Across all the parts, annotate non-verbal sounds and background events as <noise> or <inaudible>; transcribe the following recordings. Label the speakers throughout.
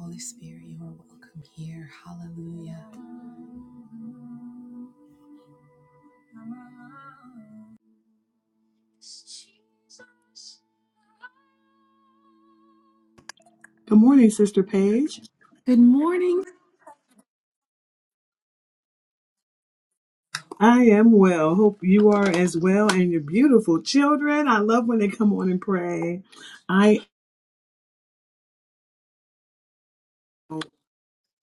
Speaker 1: Holy Spirit, you are welcome here. Hallelujah.
Speaker 2: Good morning, Sister Paige. I am well. Hope you are as well and your beautiful children. I love when they come on and pray. I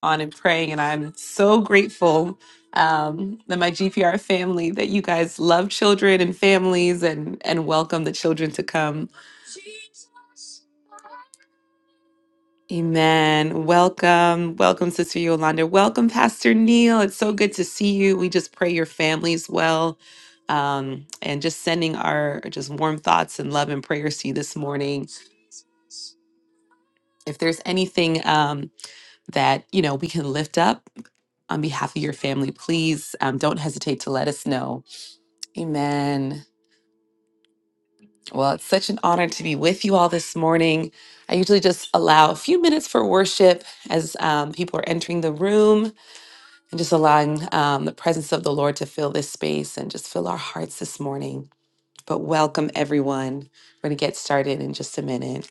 Speaker 1: On and praying, and I'm so grateful um, that my GPR family, that you guys love children and families, and and welcome the children to come. Amen. Welcome, welcome, Sister Yolanda. Welcome, Pastor Neil. It's so good to see you. We just pray your families well, um, and just sending our just warm thoughts and love and prayers to you this morning. If there's anything. Um, that you know we can lift up on behalf of your family please um, don't hesitate to let us know amen well it's such an honor to be with you all this morning i usually just allow a few minutes for worship as um, people are entering the room and just allowing um, the presence of the lord to fill this space and just fill our hearts this morning but welcome everyone we're going to get started in just a minute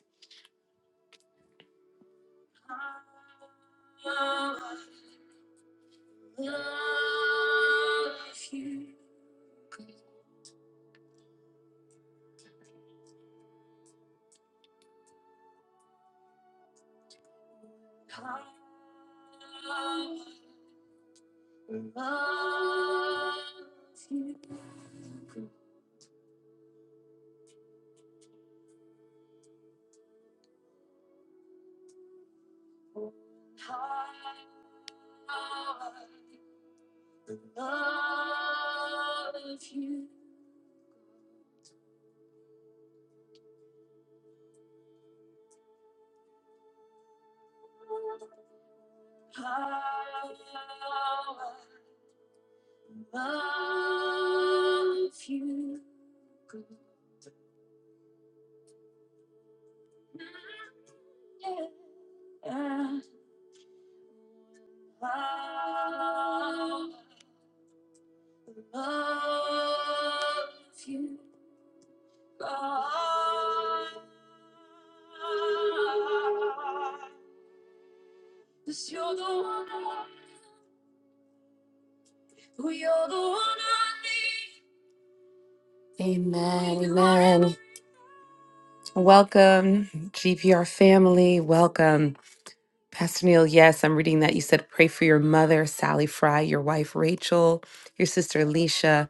Speaker 1: amen welcome gpr family welcome Pastor Neil, yes, I'm reading that. You said, pray for your mother, Sally Fry, your wife, Rachel, your sister, Alicia,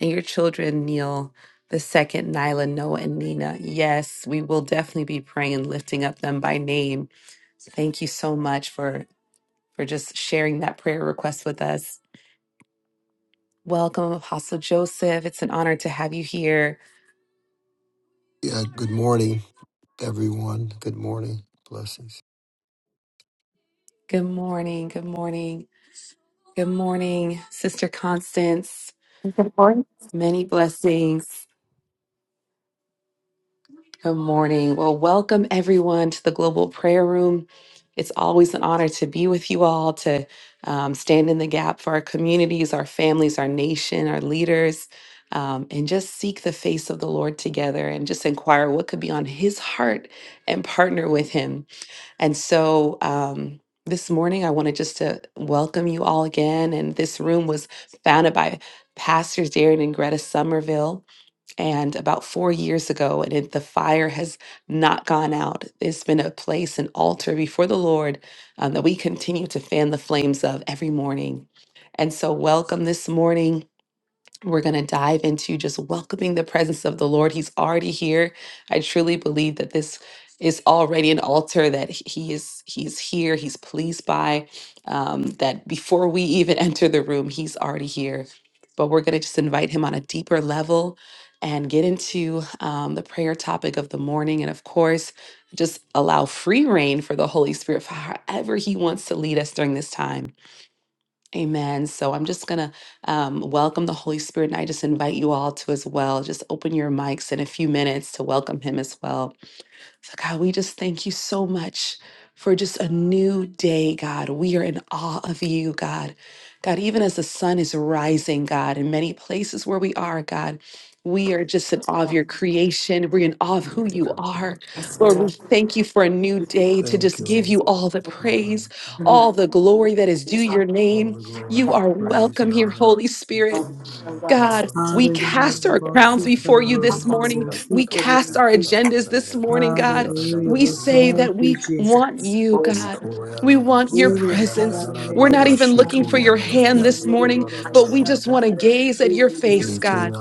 Speaker 1: and your children, Neil, the second, Nyla, Noah, and Nina. Yes, we will definitely be praying and lifting up them by name. Thank you so much for, for just sharing that prayer request with us. Welcome, Apostle Joseph. It's an honor to have you here.
Speaker 3: Yeah, good morning, everyone. Good morning. Blessings.
Speaker 1: Good morning. Good morning. Good morning, Sister Constance.
Speaker 4: Good morning.
Speaker 1: Many blessings. Good morning. Well, welcome everyone to the Global Prayer Room. It's always an honor to be with you all, to um, stand in the gap for our communities, our families, our nation, our leaders, um, and just seek the face of the Lord together and just inquire what could be on His heart and partner with Him. And so, um, this morning, I wanted just to welcome you all again. And this room was founded by Pastors Darren and Greta Somerville and about four years ago, and it, the fire has not gone out. It's been a place, an altar before the Lord um, that we continue to fan the flames of every morning. And so, welcome this morning we're going to dive into just welcoming the presence of the Lord. He's already here. I truly believe that this is already an altar that he is he's here he's pleased by um, that before we even <laughs> enter the room he's already here but we're going to just invite him on a deeper level and get into um, the prayer topic of the morning and of course just allow free reign for the holy spirit for however he wants to lead us during this time Amen. So I'm just going to um, welcome the Holy Spirit, and I just invite you all to as well. Just open your mics in a few minutes to welcome Him as well. So, God, we just thank you so much for just a new day, God. We are in awe of you, God. God, even as the sun is rising, God, in many places where we are, God, we are just in awe of your creation. We're in awe of who you are. Lord, we thank you for a new day to
Speaker 3: Thank
Speaker 1: just
Speaker 3: you,
Speaker 1: give
Speaker 3: Lord.
Speaker 1: you all the praise, all the glory that is due your
Speaker 3: All
Speaker 1: name.
Speaker 3: the glory,
Speaker 1: You are
Speaker 3: praise, and
Speaker 1: welcome here,
Speaker 3: honor.
Speaker 1: Holy Spirit. God, we cast
Speaker 2: Hallelujah.
Speaker 1: our crowns before you this morning. We cast our agendas this morning, God. We
Speaker 2: We
Speaker 1: say
Speaker 2: thank
Speaker 1: that we
Speaker 2: you,
Speaker 1: want
Speaker 2: Jesus.
Speaker 1: you, God. We want your
Speaker 2: Glory.
Speaker 1: presence. We're not
Speaker 2: Hallelujah.
Speaker 1: even looking for your hand this morning, but we just want to gaze at your
Speaker 3: Yes,
Speaker 1: face, God.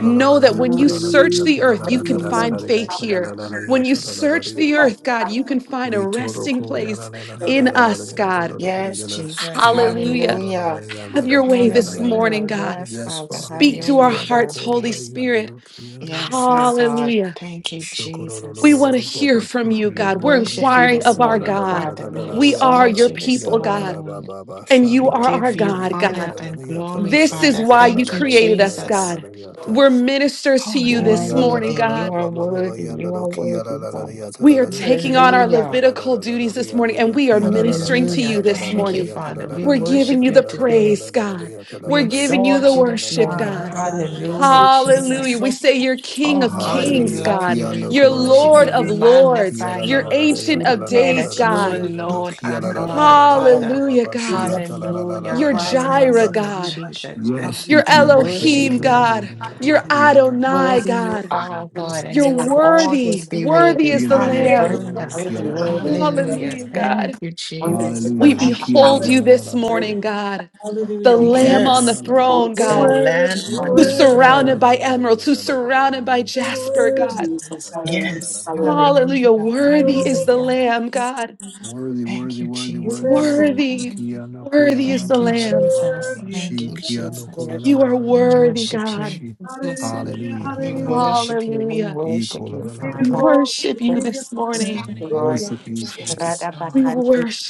Speaker 1: Know that when you search the earth, you can find
Speaker 2: Hallelujah.
Speaker 1: faith here. When you search the earth, God, you can find a resting place in us, God.
Speaker 5: Yes, Jesus.
Speaker 1: Hallelujah.
Speaker 5: Hallelujah.
Speaker 1: Have your way this
Speaker 5: Hallelujah.
Speaker 1: morning, God.
Speaker 5: Yes, Father.
Speaker 3: Father.
Speaker 5: Have
Speaker 1: Speak
Speaker 5: your
Speaker 1: to our
Speaker 5: way, God.
Speaker 1: hearts, Holy Spirit.
Speaker 5: Yes, my God.
Speaker 1: Hallelujah.
Speaker 5: Thank you,
Speaker 3: Shukuru
Speaker 1: We
Speaker 5: Jesus.
Speaker 1: want to hear from you,
Speaker 5: We
Speaker 1: God. We're
Speaker 5: worship you
Speaker 1: inquiring
Speaker 5: this
Speaker 1: of our
Speaker 5: morning,
Speaker 1: God.
Speaker 5: Father. We
Speaker 1: We are
Speaker 5: exalt
Speaker 1: your
Speaker 5: you this
Speaker 1: people, God,
Speaker 5: morning.
Speaker 1: and you
Speaker 5: We
Speaker 1: are our
Speaker 5: give you
Speaker 1: God,
Speaker 5: honor
Speaker 1: God.
Speaker 5: and glory,
Speaker 1: This is
Speaker 5: Father.
Speaker 1: why you
Speaker 5: Thank you,
Speaker 1: created us,
Speaker 5: Jesus.
Speaker 1: God. We're ministers
Speaker 5: Oh,
Speaker 1: to you
Speaker 5: you are
Speaker 1: this
Speaker 3: Hallelujah.
Speaker 1: morning,
Speaker 5: worthy.
Speaker 3: Kiana
Speaker 1: God.
Speaker 5: You are worthy. You are worthy, God.
Speaker 1: We are taking on our
Speaker 5: Hallelujah.
Speaker 1: Levitical duties this morning and we are ministering to
Speaker 5: Hallelujah.
Speaker 1: you this
Speaker 5: Thank you,
Speaker 1: morning.
Speaker 5: Father. We
Speaker 1: We're giving
Speaker 5: worship
Speaker 1: you
Speaker 5: you
Speaker 1: the
Speaker 5: today.
Speaker 1: praise, God.
Speaker 5: We
Speaker 1: We're giving you the
Speaker 5: exalt you this
Speaker 1: worship,
Speaker 5: morning.
Speaker 1: God.
Speaker 5: Hallelujah,
Speaker 1: Hallelujah.
Speaker 5: Jesus.
Speaker 1: We say you're King
Speaker 5: Oh
Speaker 1: of
Speaker 5: God, we
Speaker 1: Kings,
Speaker 2: Hallelujah.
Speaker 5: love
Speaker 1: God.
Speaker 5: you. We
Speaker 1: You're
Speaker 3: Kulana
Speaker 5: worship
Speaker 1: Lord
Speaker 5: you. We
Speaker 1: of
Speaker 3: Yanda,
Speaker 1: Lords.
Speaker 5: magnify
Speaker 3: Kiana
Speaker 1: You're
Speaker 5: you.
Speaker 1: Ancient
Speaker 5: We
Speaker 1: of
Speaker 5: declare
Speaker 1: Days,
Speaker 5: that you
Speaker 1: God.
Speaker 2: Hallelujah.
Speaker 3: Yata,
Speaker 5: alone are God, Father.
Speaker 3: Kiana
Speaker 1: Hallelujah,
Speaker 2: We
Speaker 1: God.
Speaker 2: bless
Speaker 3: Bashiata,
Speaker 5: Hallelujah.
Speaker 1: You're
Speaker 2: you, rising of the
Speaker 1: Jireh,
Speaker 3: Yata.
Speaker 2: sun.
Speaker 5: Hallelujah,
Speaker 2: We
Speaker 1: God.
Speaker 2: bless you.
Speaker 5: Jesus.
Speaker 3: Yes, you
Speaker 2: Hallelujah.
Speaker 1: You're
Speaker 5: We worship
Speaker 1: Elohim,
Speaker 5: you.
Speaker 1: God. You're Adonai,
Speaker 5: Worthy you
Speaker 1: God.
Speaker 5: are, God, and
Speaker 1: You're
Speaker 5: you will
Speaker 2: Exalt
Speaker 3: can.
Speaker 1: worthy.
Speaker 5: always be
Speaker 1: Worthy
Speaker 5: worthy.
Speaker 3: We
Speaker 1: is the
Speaker 3: enter the hall
Speaker 2: you.
Speaker 3: of
Speaker 1: Lamb.
Speaker 3: the
Speaker 5: Hallelujah.
Speaker 3: King.
Speaker 5: Hallelujah.
Speaker 1: Hallelujah, God.
Speaker 5: Thank you,
Speaker 2: We
Speaker 5: Jesus.
Speaker 1: We
Speaker 3: Hallelujah!
Speaker 2: exalt
Speaker 3: He is the King. He is
Speaker 1: behold
Speaker 2: you.
Speaker 1: you this
Speaker 3: the
Speaker 1: morning, God,
Speaker 2: Hallelujah.
Speaker 1: the
Speaker 2: You're worthy.
Speaker 3: King.
Speaker 1: Lamb on the
Speaker 5: Yes,
Speaker 1: throne,
Speaker 2: You're
Speaker 5: the
Speaker 1: God,
Speaker 2: worthy.
Speaker 5: Lamb
Speaker 3: He
Speaker 2: You're
Speaker 5: on
Speaker 1: who's
Speaker 5: the
Speaker 2: worthy.
Speaker 5: throne.
Speaker 1: surrounded by emeralds, who's surrounded by
Speaker 2: You're
Speaker 1: jasper,
Speaker 2: worthy.
Speaker 1: God.
Speaker 2: oh God.
Speaker 5: Yes.
Speaker 1: Hallelujah.
Speaker 5: Hallelujah.
Speaker 3: is the
Speaker 2: You're
Speaker 1: Worthy is the
Speaker 5: Hallelujah.
Speaker 3: King.
Speaker 1: Lamb, God.
Speaker 3: Worthy,
Speaker 5: Thank
Speaker 3: worthy,
Speaker 5: you,
Speaker 3: worthy, worthy,
Speaker 5: Jesus.
Speaker 3: worthy.
Speaker 1: Worthy,
Speaker 2: worthy.
Speaker 3: He is the King.
Speaker 1: worthy is the
Speaker 5: Thank you,
Speaker 1: Lamb.
Speaker 5: Jesus.
Speaker 2: Worthy is the
Speaker 5: Thank
Speaker 3: He
Speaker 5: you,
Speaker 3: is
Speaker 2: Lamb.
Speaker 5: Jesus.
Speaker 1: You are
Speaker 5: We
Speaker 1: worthy,
Speaker 3: the
Speaker 5: worship you.
Speaker 1: God.
Speaker 3: King.
Speaker 2: Hallelujah.
Speaker 3: Hallelujah!
Speaker 5: We
Speaker 2: Hallelujah.
Speaker 3: Hallelujah!
Speaker 5: worship you. We
Speaker 1: Hallelujah.
Speaker 3: He is the King.
Speaker 5: worship you,
Speaker 2: We give you
Speaker 1: We
Speaker 5: Father.
Speaker 2: glory.
Speaker 1: worship
Speaker 2: We
Speaker 1: you
Speaker 2: give you
Speaker 1: this
Speaker 2: honor.
Speaker 1: morning.
Speaker 2: We give
Speaker 3: Worship him. He
Speaker 2: you
Speaker 3: is
Speaker 5: Yes,
Speaker 1: We
Speaker 5: Lord.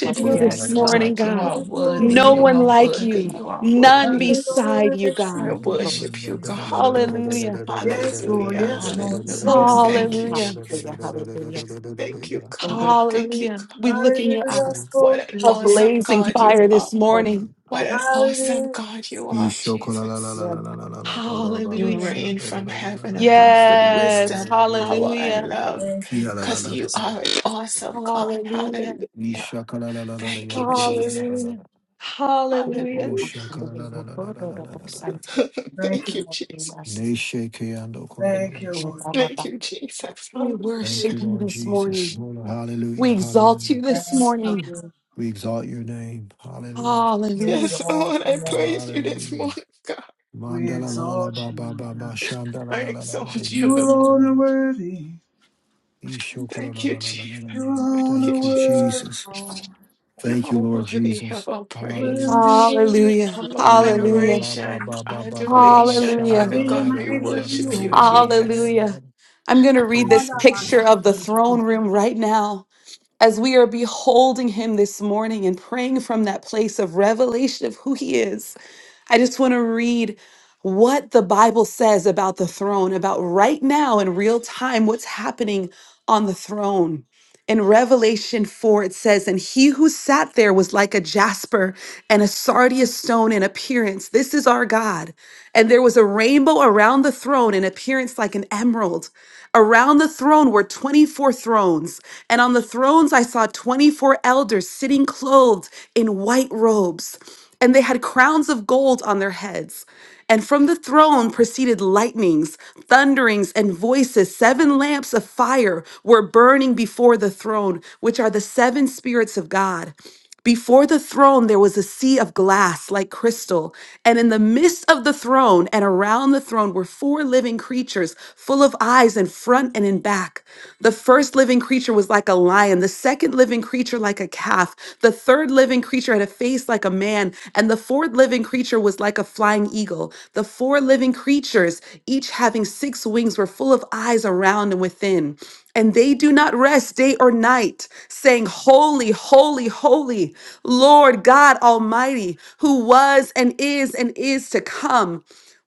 Speaker 3: the
Speaker 1: you this
Speaker 5: Yes,
Speaker 3: King.
Speaker 1: morning,
Speaker 5: God. You
Speaker 2: We
Speaker 1: God.
Speaker 2: give
Speaker 5: are
Speaker 2: you
Speaker 3: Ishakala
Speaker 2: glory.
Speaker 5: worthy.
Speaker 2: We
Speaker 1: No
Speaker 2: give
Speaker 5: You
Speaker 1: one
Speaker 2: you
Speaker 5: are
Speaker 1: like
Speaker 5: worthy.
Speaker 1: you,
Speaker 5: You are
Speaker 1: none
Speaker 5: worthy.
Speaker 1: beside
Speaker 2: honor.
Speaker 1: you,
Speaker 2: We
Speaker 5: I
Speaker 1: God.
Speaker 2: give you
Speaker 5: worship you,
Speaker 2: glory.
Speaker 5: God.
Speaker 1: Hallelujah.
Speaker 2: Yes, Lord,
Speaker 5: Hallelujah.
Speaker 2: yes, Lord. So
Speaker 5: Hallelujah.
Speaker 2: sweet.
Speaker 5: Thank you,
Speaker 1: Hallelujah.
Speaker 5: Jesus. Thank you, God. Thank you,
Speaker 1: Hallelujah.
Speaker 5: God.
Speaker 1: We look in your
Speaker 2: Hallelujah,
Speaker 1: eyes
Speaker 2: so
Speaker 5: What an
Speaker 2: sweet.
Speaker 1: of
Speaker 2: Yeah.
Speaker 5: awesome
Speaker 1: blazing
Speaker 5: God you
Speaker 1: fire
Speaker 5: are.
Speaker 1: this morning.
Speaker 5: What an awesome
Speaker 2: Hallelujah.
Speaker 5: God you are, Jesus. You
Speaker 1: Hallelujah.
Speaker 5: reign from heaven above with
Speaker 1: Yes.
Speaker 5: wisdom, power, and
Speaker 1: Hallelujah.
Speaker 5: love
Speaker 2: Thank you.
Speaker 5: because you are an awesome God.
Speaker 1: Hallelujah.
Speaker 5: Hallelujah. Thank you, Jesus.
Speaker 1: Hallelujah. Hallelujah.
Speaker 5: Hallelujah. <laughs>
Speaker 2: Thank
Speaker 5: Thank
Speaker 2: you,
Speaker 5: you,
Speaker 2: Lord.
Speaker 5: Jesus.
Speaker 2: Thank you, Lord.
Speaker 5: Thank you, Jesus.
Speaker 1: We
Speaker 3: Thank
Speaker 5: Hallelujah.
Speaker 3: you,
Speaker 1: worship you
Speaker 3: Lord
Speaker 1: this
Speaker 3: Jesus.
Speaker 1: morning.
Speaker 3: Lord,
Speaker 1: We
Speaker 3: hallelujah.
Speaker 1: exalt
Speaker 3: Hallelujah.
Speaker 1: you this
Speaker 5: Praise you.
Speaker 1: morning.
Speaker 2: Hallelujah.
Speaker 3: We exalt your name. Hallelujah.
Speaker 2: We
Speaker 1: Hallelujah.
Speaker 5: Yes,
Speaker 2: exalt
Speaker 5: Lord,
Speaker 2: your
Speaker 5: I
Speaker 2: name.
Speaker 5: praise you this
Speaker 3: Hallelujah.
Speaker 5: morning, God.
Speaker 2: We
Speaker 3: Mandala la la la
Speaker 2: exalt
Speaker 3: ba
Speaker 2: you,
Speaker 3: ba
Speaker 2: Lord
Speaker 3: ba ba
Speaker 2: God.
Speaker 3: shanda la
Speaker 5: I
Speaker 3: la la la la la
Speaker 5: exalt
Speaker 2: You
Speaker 5: you,
Speaker 3: la
Speaker 5: Lord.
Speaker 3: la la
Speaker 2: alone are
Speaker 3: la.
Speaker 2: worthy.
Speaker 3: Ishoko la la
Speaker 5: Thank you,
Speaker 3: la la la
Speaker 5: Jesus.
Speaker 3: la
Speaker 2: You
Speaker 3: la.
Speaker 2: alone
Speaker 5: Thank
Speaker 2: are
Speaker 3: Thank you,
Speaker 5: you, Jesus.
Speaker 2: worthy.
Speaker 3: Jesus.
Speaker 2: Lord.
Speaker 5: You
Speaker 3: Thank you,
Speaker 5: are
Speaker 3: Lord
Speaker 5: worthy
Speaker 3: Jesus.
Speaker 5: of our praise.
Speaker 3: Hallelujah.
Speaker 2: Worthy, worthy.
Speaker 1: Hallelujah.
Speaker 5: Humble
Speaker 3: Oh la la la la
Speaker 1: Hallelujah.
Speaker 3: la ba
Speaker 5: adoration,
Speaker 3: ba ba ba ba ba ba
Speaker 5: adulation,
Speaker 3: shanda
Speaker 1: Hallelujah.
Speaker 5: Father
Speaker 3: la la la
Speaker 5: God,
Speaker 3: la
Speaker 5: we
Speaker 3: la la
Speaker 2: Emmanuel,
Speaker 3: la la
Speaker 5: worship
Speaker 2: you
Speaker 3: yanda
Speaker 5: you,
Speaker 3: la la
Speaker 2: are
Speaker 3: la la la
Speaker 5: Jesus.
Speaker 3: la
Speaker 1: Hallelujah.
Speaker 3: la.
Speaker 1: I'm going to read this
Speaker 3: Ishi-
Speaker 2: God.
Speaker 1: picture of the throne room right now. as we are beholding him this morning and praying from that place of revelation of who he is, I just want to read what the Bible says about the throne, about right now in real time, what's happening on the throne. In Revelation 4, it says, And he who sat there was like a jasper and a sardius stone in appearance. This is our God. And there was a rainbow around the throne in appearance like an emerald. Around the throne were 24 thrones. And on the thrones I saw 24 elders sitting clothed in white robes, and they had crowns of gold on their heads. And from the throne proceeded lightnings, thunderings, and voices. Seven lamps of fire were burning before the throne, which are the seven spirits of God. Before the throne, there was a sea of glass like crystal. And in the midst of the throne and around the throne were four living creatures full of eyes in front and in back. The first living creature was like a lion, the second living creature like a calf, the third living creature had a face like a man, and the fourth living creature was like a flying eagle. The four living creatures, each having six wings, were full of eyes around and within. And they do not rest day or night, saying, Holy, holy, holy, Lord God Almighty, who was and is and is to come.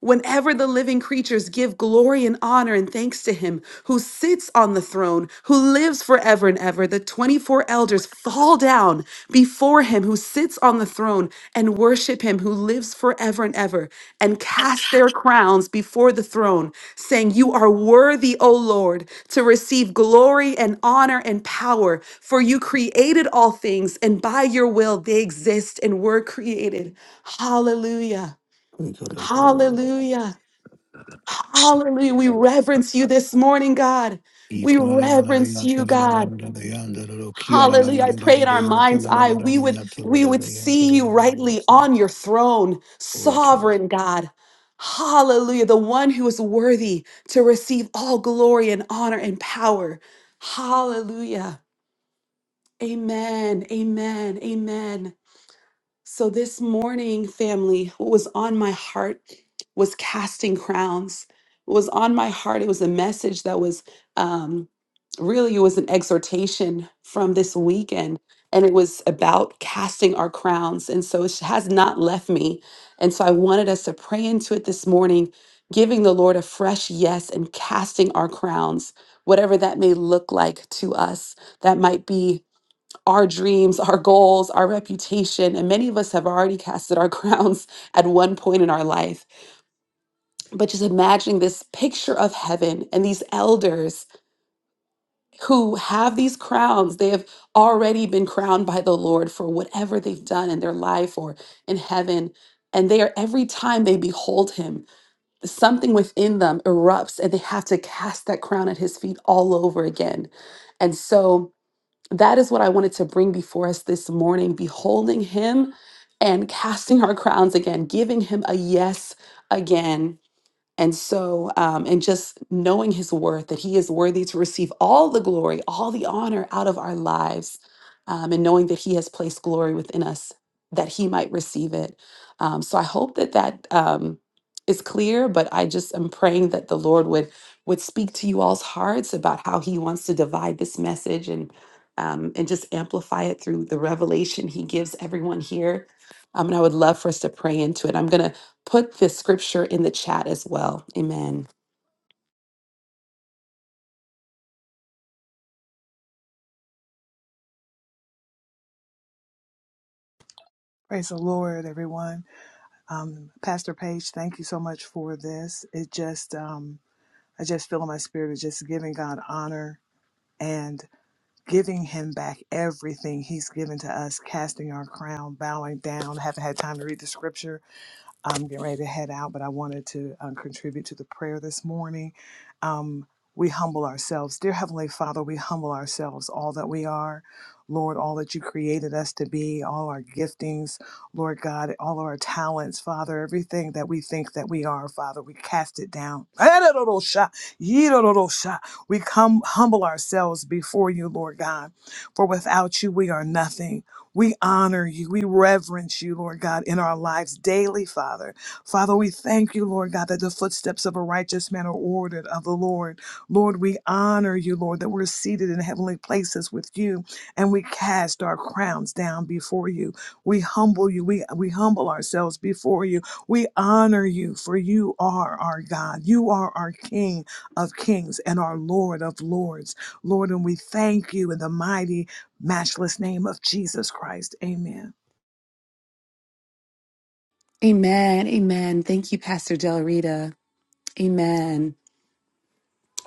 Speaker 1: Whenever the living creatures give glory and honor and thanks to him who sits on the throne, who lives forever and ever, the 24 elders fall down before him who sits on the throne and worship him who lives forever and ever and cast their crowns before the throne, saying, You are worthy, O Lord, to receive glory and honor and power, for you created all things, and by your will they exist and were created. Hallelujah. Hallelujah. Hallelujah. We
Speaker 3: Yeah.
Speaker 1: reverence you this morning, God. We
Speaker 3: Glory to
Speaker 1: reverence you, God. Hallelujah. I pray in our mind's eye we would we would see you rightly on your throne,
Speaker 3: you.
Speaker 1: sovereign God. Hallelujah. The one who is worthy to receive all glory and honor and power. Hallelujah. Amen. Amen. Amen. So this morning, family, what was on my heart was casting crowns. What was on my heart, it was a message that was um, really it was an exhortation from this weekend, and it was about casting our crowns. And so it has not left me. And so I wanted us to pray into it this morning, giving the Lord a fresh yes and casting our crowns, whatever that may look like to us. That might be our dreams, our goals, our reputation. And many of us have already casted our <laughs> crowns at one point in our life. But just imagining this picture of heaven and these elders who have these crowns, they have already been crowned by the Lord for whatever they've done in their life or in heaven. And they are every time they behold him, something within them erupts and they have to cast that crown at his feet all over again. And so, that is what I wanted to bring before us this morning, beholding him and casting our crowns again, giving him a yes again. And so, um, and just knowing his worth, that he is worthy to receive all the glory, all the honor out of our lives, um, and knowing that he has placed glory within us that he might receive it. Um, so I hope that that um, is clear, but I just am praying that the Lord would would speak to you all's hearts about how he wants to divide this message and um, and just amplify it through the revelation he gives everyone here. Um, and I would love for us to pray into it. I'm gonna put the scripture in the chat as well. Amen.
Speaker 2: Praise the Lord, everyone. Um, Pastor Paige, thank you so much for this. It just, um, I just feel in my spirit of just giving God honor and giving him back everything he's given to us, casting our crown, bowing down. haven't had time to read the scripture. I'm getting ready to head out, but I wanted to um, contribute to the prayer this morning um, we humble ourselves. Dear Heavenly Father, we humble ourselves, all that we are. Lord, all that you created us to be, all our giftings, Lord God, all of our talents, Father, everything that we think that we are, Father, we cast it down. <laughs> We come humble ourselves before you, Lord God, for without you we are nothing. We honor you. We reverence you, Lord God, in our lives daily, Father. Father, we thank you, Lord God, that the footsteps of a righteous man are ordered of the Lord. Lord, we honor you, Lord, that we're seated in heavenly places with you and we cast our crowns down before you. We humble you. We, we humble ourselves before you. We honor you, for you are our God. You are our King of kings and our Lord of lords. Lord, and we thank you in the mighty, matchless name of Jesus Christ. Amen.
Speaker 1: Amen. Amen. Thank you, Pastor Del Rita. Amen.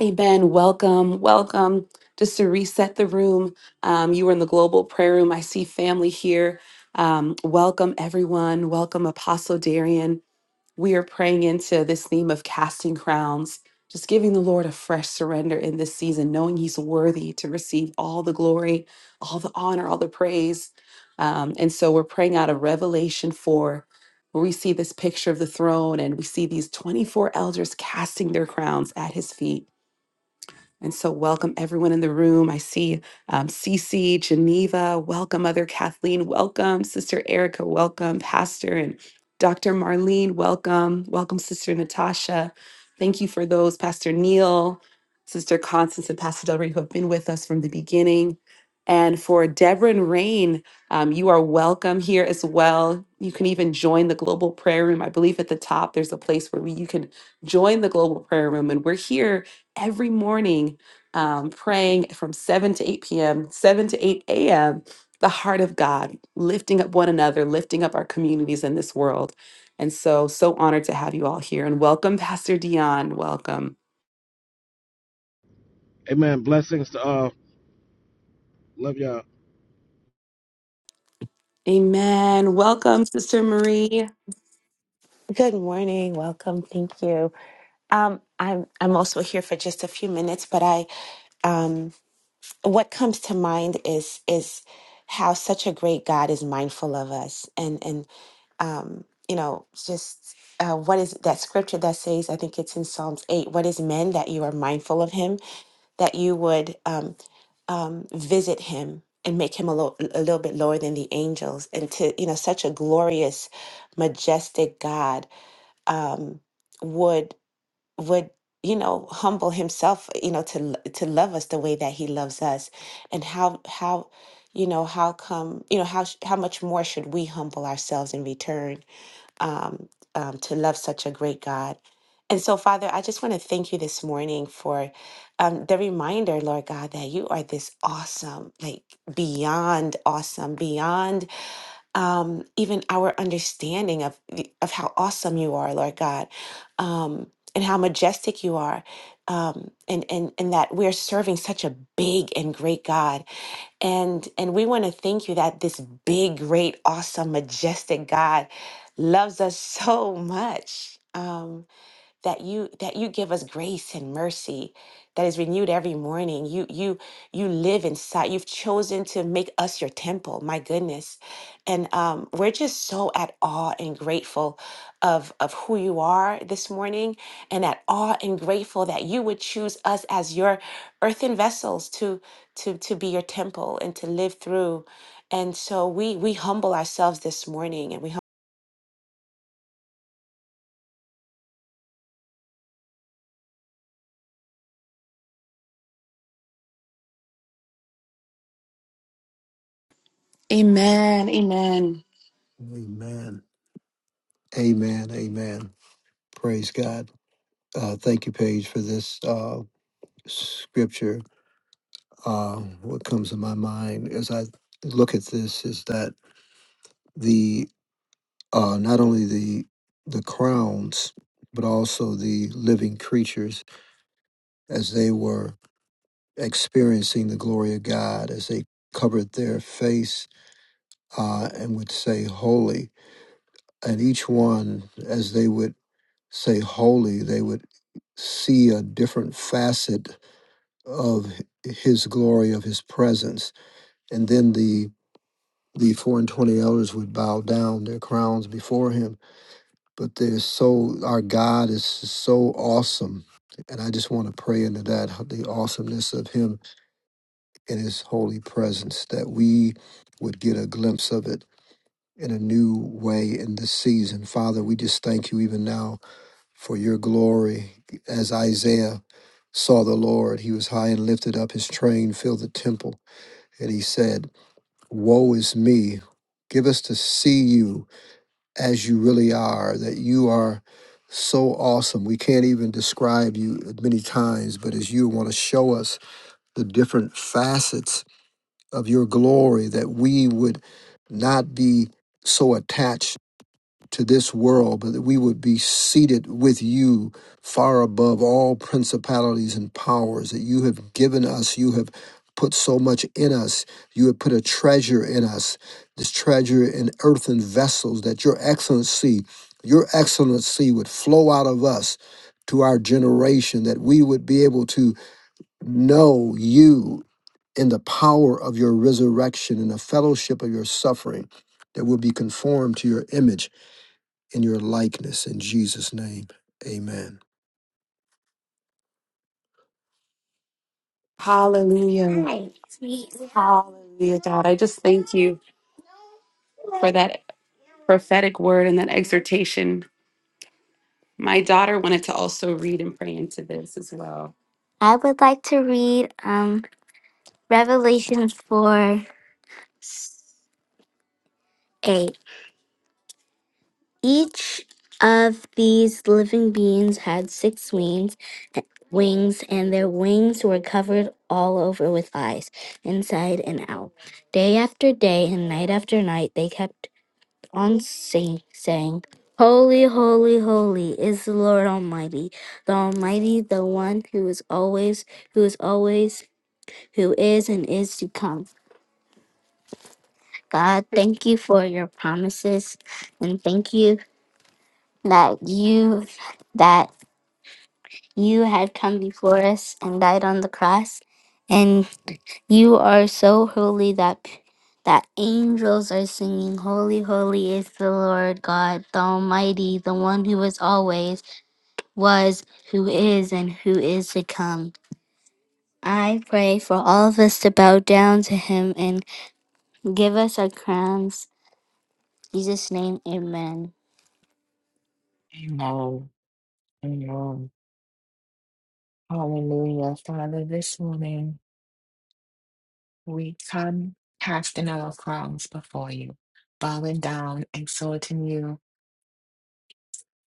Speaker 1: Amen. Welcome. Welcome. Just to reset the room, um, you were in the global prayer room. I see family here. Um, welcome, everyone. Welcome, Apostle Darian. we are praying into this theme of casting crowns, just giving the Lord a fresh surrender in this season, knowing He's worthy to receive all the glory, all the honor, all the praise. Um, and so we're praying out of Revelation 4, where we see this picture of the throne and we see these 24 elders casting their crowns at His feet. And so, welcome everyone in the room. I see um, Cece, Geneva, welcome, Mother Kathleen, welcome, Sister Erica, welcome, Pastor and Dr. Marlene, welcome, welcome, Sister Natasha. Thank you for those, Pastor Neil, Sister Constance, and Pastor Del Rey, who have been with us from the beginning. And for Deborah and Rain, um, you are welcome here as well. You can even join the global prayer room. I believe at the top there's a place where we, you can join the global prayer room, and we're here every morning um, praying from 7 to 8 p.m., 7 to 8 a.m., the heart of God, lifting up one another, lifting up our communities in this world. And so, so honored to have you all here. And welcome, Pastor Dion. Welcome.
Speaker 6: Amen. Blessings to all. Love y'all.
Speaker 1: Amen. Welcome, Sister Marie.
Speaker 7: Good morning. Welcome. Thank you. Um, I'm I'm also here for just a few minutes, but I um, what comes to mind is is how such a great God is mindful of us, and and um, you know just uh, what is that scripture that says? I think it's in Psalms eight. What is man that you are mindful of him, that you would um, um, visit him and make him a, lo- a little bit lower than the angels, and to you know such a glorious, majestic God. Um, would would you know humble himself you know to l- to love us the way that he loves us and how how you know how come you know how sh- how much more should we humble ourselves in return um, um to love such a great god and so father i just want to thank you this morning for um the reminder lord god that you are this awesome like beyond awesome beyond um, even our understanding of the- of how awesome you are, Lord God, um, and how majestic you are, um, and and and that we're serving such a big and great God, and and we want to thank you that this big, great, awesome, majestic God loves us <laughs> so much. Um, that you that you give us grace and mercy that is renewed every morning. You you you live inside. You've chosen to make us your temple. My goodness. And um, we're just so at awe and grateful of of who you are this morning and at awe and grateful that you would choose us as your earthen vessels to to to be your temple and to live through. And so we we humble ourselves this morning and we
Speaker 1: Amen. Amen.
Speaker 3: Amen. Amen. Amen. Praise God. Uh, thank you, Paige, for this uh, scripture. Uh, what comes to my mind as I look at this is that the uh, not only the the crowns, but also the living creatures as they were experiencing the glory of God as they covered their face uh, and would say, Holy. And each one, as they would say, Holy, they would see a different facet of his glory, of his presence. And then the the four and twenty elders would bow down their crowns before him. But they're so our God is so awesome. And I just want to pray into that the awesomeness of him in his holy presence, that we would get a glimpse of it in a new way in this season. Father, we just thank you even now for your glory. As Isaiah saw the Lord, he was high and lifted up, his train filled the temple, and he said, Woe is me. Give us to see you as you really are, that you are so awesome. We can't even describe you many times, but as you want to show us the different facets of your glory, that we would not be so attached to this world, but that we would be seated with you far above all principalities and powers that you have given us. You have put so much in us. You have put a treasure in us, this treasure in earthen vessels, that your excellency, your excellency would flow out of us to our generation, that we would be able to know you in the power of your resurrection and the fellowship of your suffering that will be conformed to your image and your likeness in Jesus' name. Amen.
Speaker 1: Hallelujah. Hi. Hallelujah, God. I just thank you for that prophetic word and that exhortation My daughter wanted to also read and pray into this as well. I would like to read um, Revelation 4 8. Each of these living beings had six wings, wings, and their wings were covered all over with eyes, inside and out. Day after day and night after night, they kept on sing, saying, Holy, holy, holy is the Lord Almighty, the Almighty, the one who is always, who is always who is and is to come. God, thank you for your promises and thank you that you that you had come before us and died on the cross and you are so holy that that angels are singing holy holy is the Lord God the almighty the one who was always was who is and who is to come. I pray for all of us to bow down to him and give us our crowns Jesus' name, amen.
Speaker 5: Amen. Amen. Hallelujah. Father, this morning we come casting our crowns before you, bowing down, exalting you,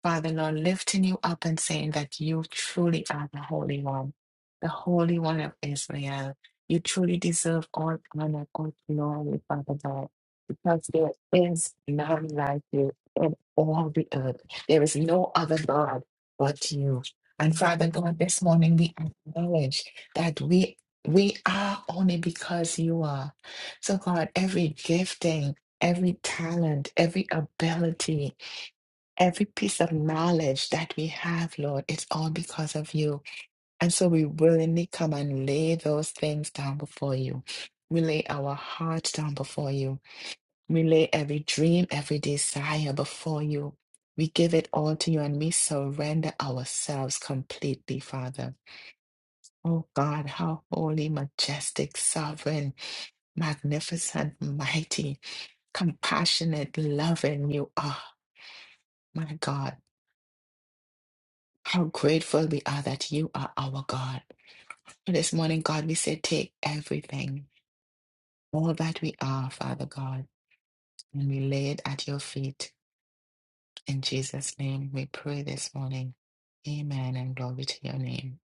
Speaker 5: Father Lord, lifting you up and saying that you truly are the Holy One, the Holy One of Israel. You truly deserve all honor, all glory, Father God, because there is none like you in all the earth. There is no other God but you. And Father God, this morning we acknowledge that we we are only because you are. So God, every gifting, every talent, every ability, Every piece of knowledge that we have, Lord, it's all because of you. And so we willingly come and lay those things down before you. We lay our hearts down before you. We lay every dream, every desire before you. We give it all to you and we surrender ourselves completely, Father. Oh God, how holy, majestic, sovereign, magnificent, mighty, compassionate, loving you are, my God. How grateful we are that you are our God. And This morning, God, we say, take everything, all that we are, Father God, and we lay it at your feet. In Jesus' name, we pray this morning. Amen and glory to your name.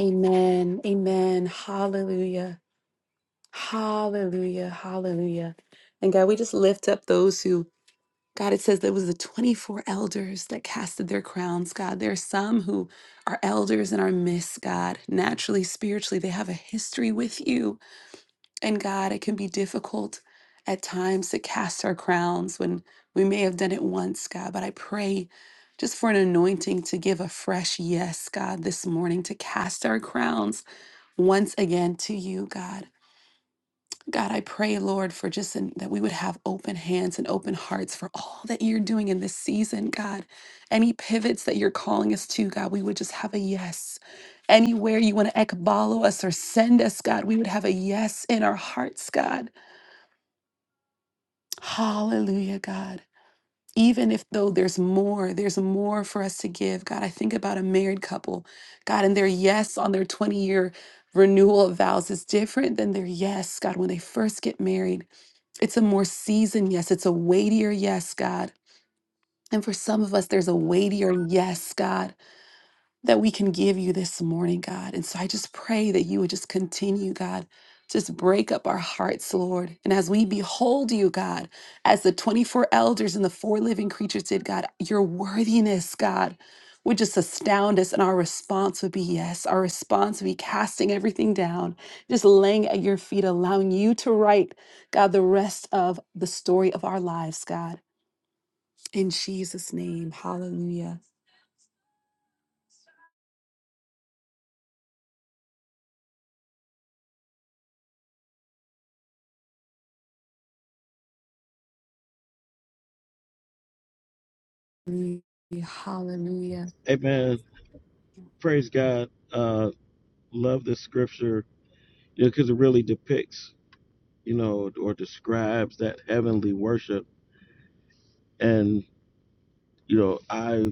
Speaker 1: Amen. Amen. Hallelujah. Hallelujah. Hallelujah. And God, we just lift up those who, God, it says there was the 24 elders that casted their crowns, God. There are some who are elders in our midst, God. Naturally, spiritually, they have a history with you. And God, it can be difficult at times to cast our crowns when we may have done it once, God, but I pray just for an anointing to give a fresh yes, God, this morning to cast our crowns once again to you, God. God, I pray, Lord, for just an, that we would have open hands and open hearts for all that you're doing in this season, God. Any pivots that you're calling us to, God, we would just have a yes. Anywhere you want to ekbalo us or send us, God, we would have a yes in our hearts, God. Hallelujah, God. Even if though there's more, there's more for us to give. God, I think about a married couple, God, and their yes on their 20 year renewal of vows is different than their yes, God, when they first get married. It's a more seasoned yes, it's a weightier yes, God. And for some of us, there's a weightier yes, God that we can give you this morning, God. And so I just pray that you would just continue, God. Just break up our hearts, Lord. And as we behold you, God, as the 24 elders and the four living creatures did, God, your worthiness, God, would just astound us. And our response would be yes. Our response would be casting everything down, just laying at your feet, allowing you to write, God, the rest of the story of our lives, God. In Jesus' name, hallelujah. Hallelujah.
Speaker 6: Amen. Praise God. Uh, love this scripture because it really depicts, you know, or describes that heavenly worship. And you know, I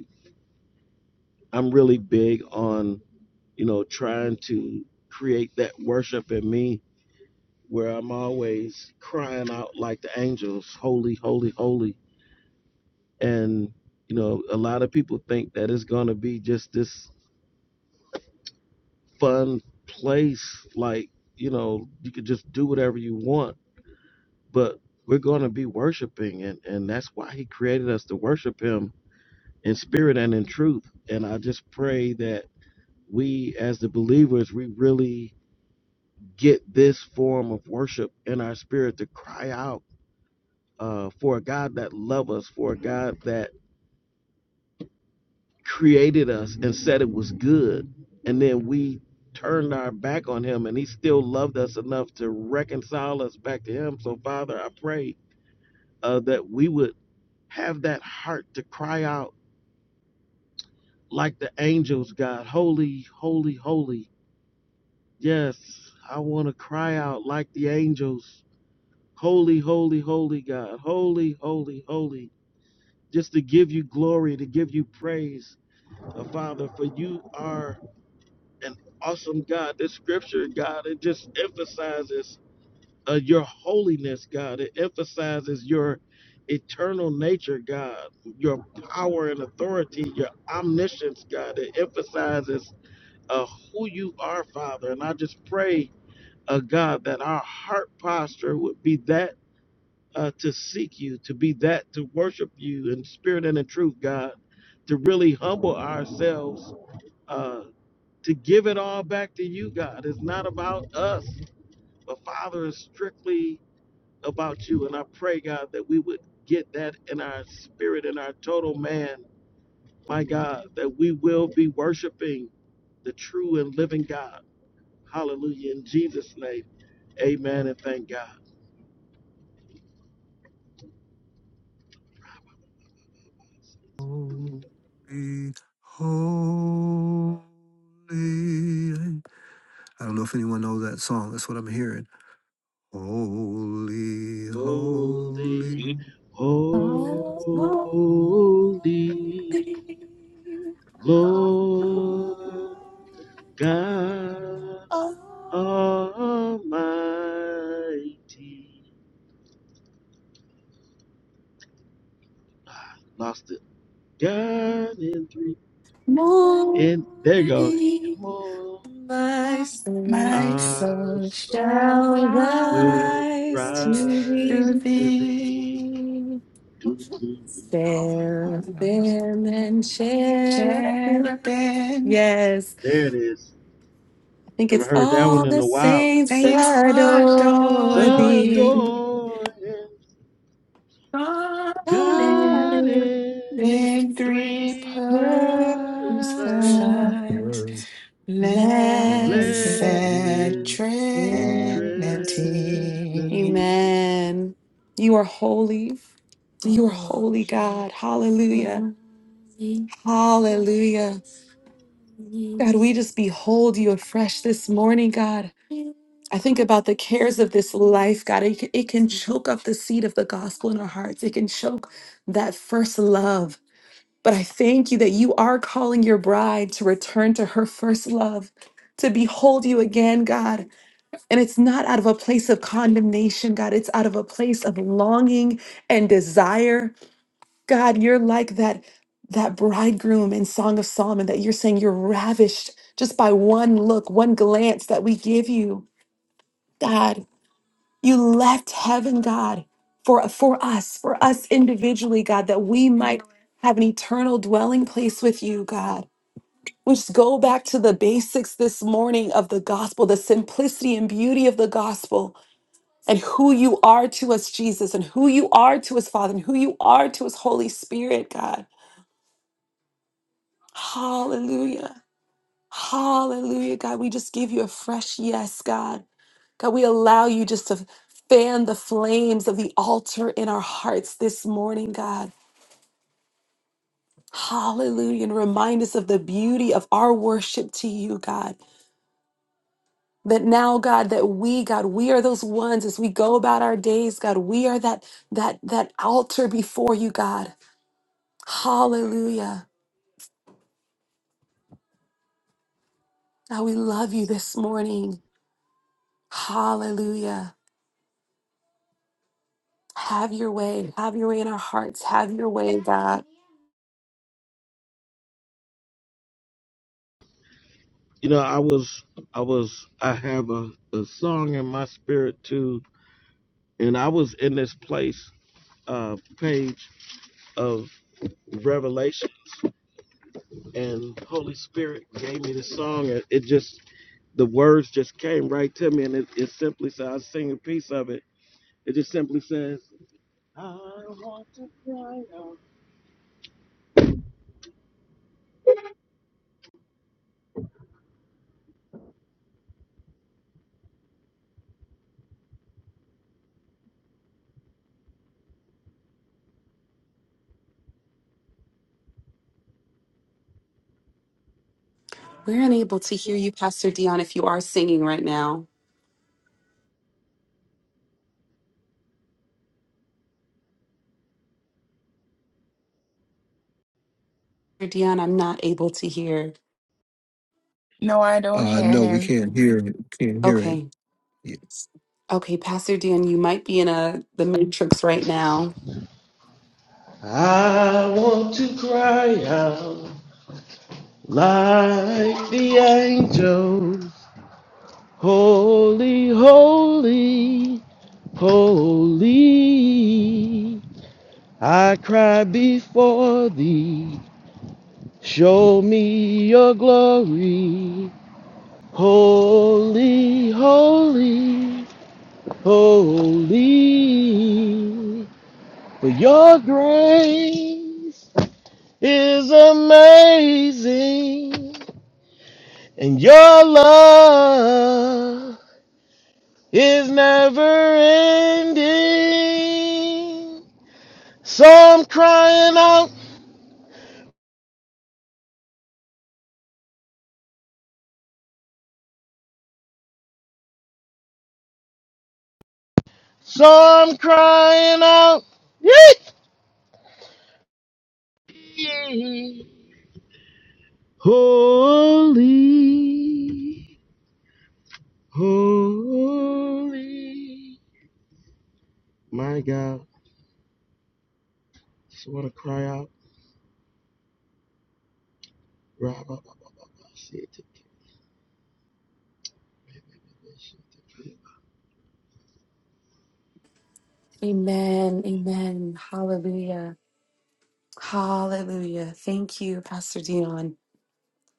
Speaker 6: I'm really big on you know trying to create that worship in me where I'm always crying out like the angels, holy, holy, holy. And you know, a lot of people think that it's gonna be just this fun place. Like, you know, you could just do whatever you want, but we're going to be worshiping. And, and that's why he created us to worship him in spirit and in truth. And I just pray that we, as the believers, we really get this form of worship in our spirit to cry out uh, for a God that loves us, for a God that created us and said it was good and then we turned our back on him and he still loved us enough to reconcile us back to him so father i pray uh, that we would have that heart to cry out like the angels god holy holy holy yes i want to cry out like the angels holy holy holy god holy holy holy just to give you glory to give you praise uh, father for you are An awesome God. This scripture, God, it just emphasizes uh, your holiness, God. It emphasizes your eternal nature, God, your power and authority, your omniscience, God. It emphasizes uh, who you are, Father. And I just pray, uh, God, that our heart posture would be that uh, to seek you, to be that to worship you in spirit and in truth, God, to really humble ourselves. uh, to give it all back to you, God. It's not about us, but Father, it's strictly about you. And I pray, God, that we would get that in our spirit, in our total man, my God, that we will be worshiping the true and living God. Hallelujah. In Jesus' name, amen and thank God.
Speaker 3: Holy, holy. I don't know if anyone knows that song. That's what I'm hearing. Holy,
Speaker 6: Holy,
Speaker 3: holy.
Speaker 6: holy
Speaker 1: Morning,
Speaker 6: Lord God Almighty. Lost it. God in three. And there you go. And more.
Speaker 1: my
Speaker 5: My
Speaker 1: soul
Speaker 6: Our
Speaker 5: soul shall
Speaker 6: song
Speaker 1: shall
Speaker 5: rise
Speaker 6: will
Speaker 1: rise to
Speaker 6: rise
Speaker 5: to
Speaker 6: to
Speaker 1: thee.
Speaker 6: thee.
Speaker 5: thee.
Speaker 6: Do, do, do. Oh,
Speaker 5: Rise.
Speaker 1: Seraphim and cherubim.
Speaker 5: Cherubim,
Speaker 1: Yes,
Speaker 6: there it is.
Speaker 1: I think
Speaker 6: Haven't
Speaker 1: it's
Speaker 6: heard that one
Speaker 1: all
Speaker 6: in
Speaker 1: the
Speaker 6: a while.
Speaker 1: saints
Speaker 6: Yeah.
Speaker 5: saints
Speaker 1: adore
Speaker 5: adore
Speaker 6: The
Speaker 1: thee.
Speaker 5: you.
Speaker 6: door and
Speaker 5: God
Speaker 1: God
Speaker 6: God in
Speaker 1: is
Speaker 5: Big three
Speaker 6: three
Speaker 5: plus
Speaker 6: persons.
Speaker 1: person,
Speaker 5: signs, blessed
Speaker 1: blessed
Speaker 6: Blessed.
Speaker 1: mercy.
Speaker 6: Trinity.
Speaker 5: Trinity.
Speaker 1: Amen. You are holy. You are holy, God. Hallelujah. Hallelujah. God, we just behold you afresh this morning, God. I think about the cares of this life, God. It, it can choke up the seed of the gospel in our hearts. It can choke that first love. But I thank you that you are calling your bride to return to her first love, to behold you again, God. And it's not out of a place of condemnation, God. It's out of a place of longing and desire. God, you're like that that bridegroom in Song of Solomon that you're saying you're ravished just by one look, one glance that we give you. God, you left heaven, God, for for us, for us individually, God, that we might have an eternal dwelling place with you, God. We just go back to the basics this morning of the gospel, the simplicity and beauty of the gospel, and who you are to us, Jesus, and who you are to us, Father, and who you are to us, Holy Spirit, God. Hallelujah. Hallelujah, God. We just give you a fresh yes, God. God, we allow you just to fan the flames of the altar in our hearts this morning, God. Hallelujah. And remind us of the beauty of our worship to you, God. that now god that we god we are those ones as we go about our days god we are that that that altar before you god hallelujah now we love you this morning hallelujah have your way have your way in our hearts have your way god
Speaker 6: You know, I was, I was, I have a, a song in my spirit too, and I was in this place, uh, page of Revelation, and Holy Spirit gave me the song. and It just, the words just came right to me, and it, it simply said, I sing a piece of it. It just simply says, I want to cry out.
Speaker 1: we're unable to hear you pastor dion if you are singing right now pastor dion i'm not able to hear
Speaker 5: No, I don't
Speaker 3: Uh,
Speaker 5: hear
Speaker 3: no, we
Speaker 5: him.
Speaker 3: can't hear it. Can't hear
Speaker 1: okay
Speaker 3: him.
Speaker 1: okay pastor dion you might be in a the matrix right now
Speaker 6: I want to cry
Speaker 1: Mm.
Speaker 6: out like the angels. Holy, holy, holy. I cry before thee. Show me your glory. Holy, holy, holy. For your grace is amazing and your love is never ending. So I'm crying out, so I'm crying out. Yee! Holy, holy. My God, just want to cry out.
Speaker 1: Amen. Amen. Hallelujah. Hallelujah. Thank you, Pastor Dion.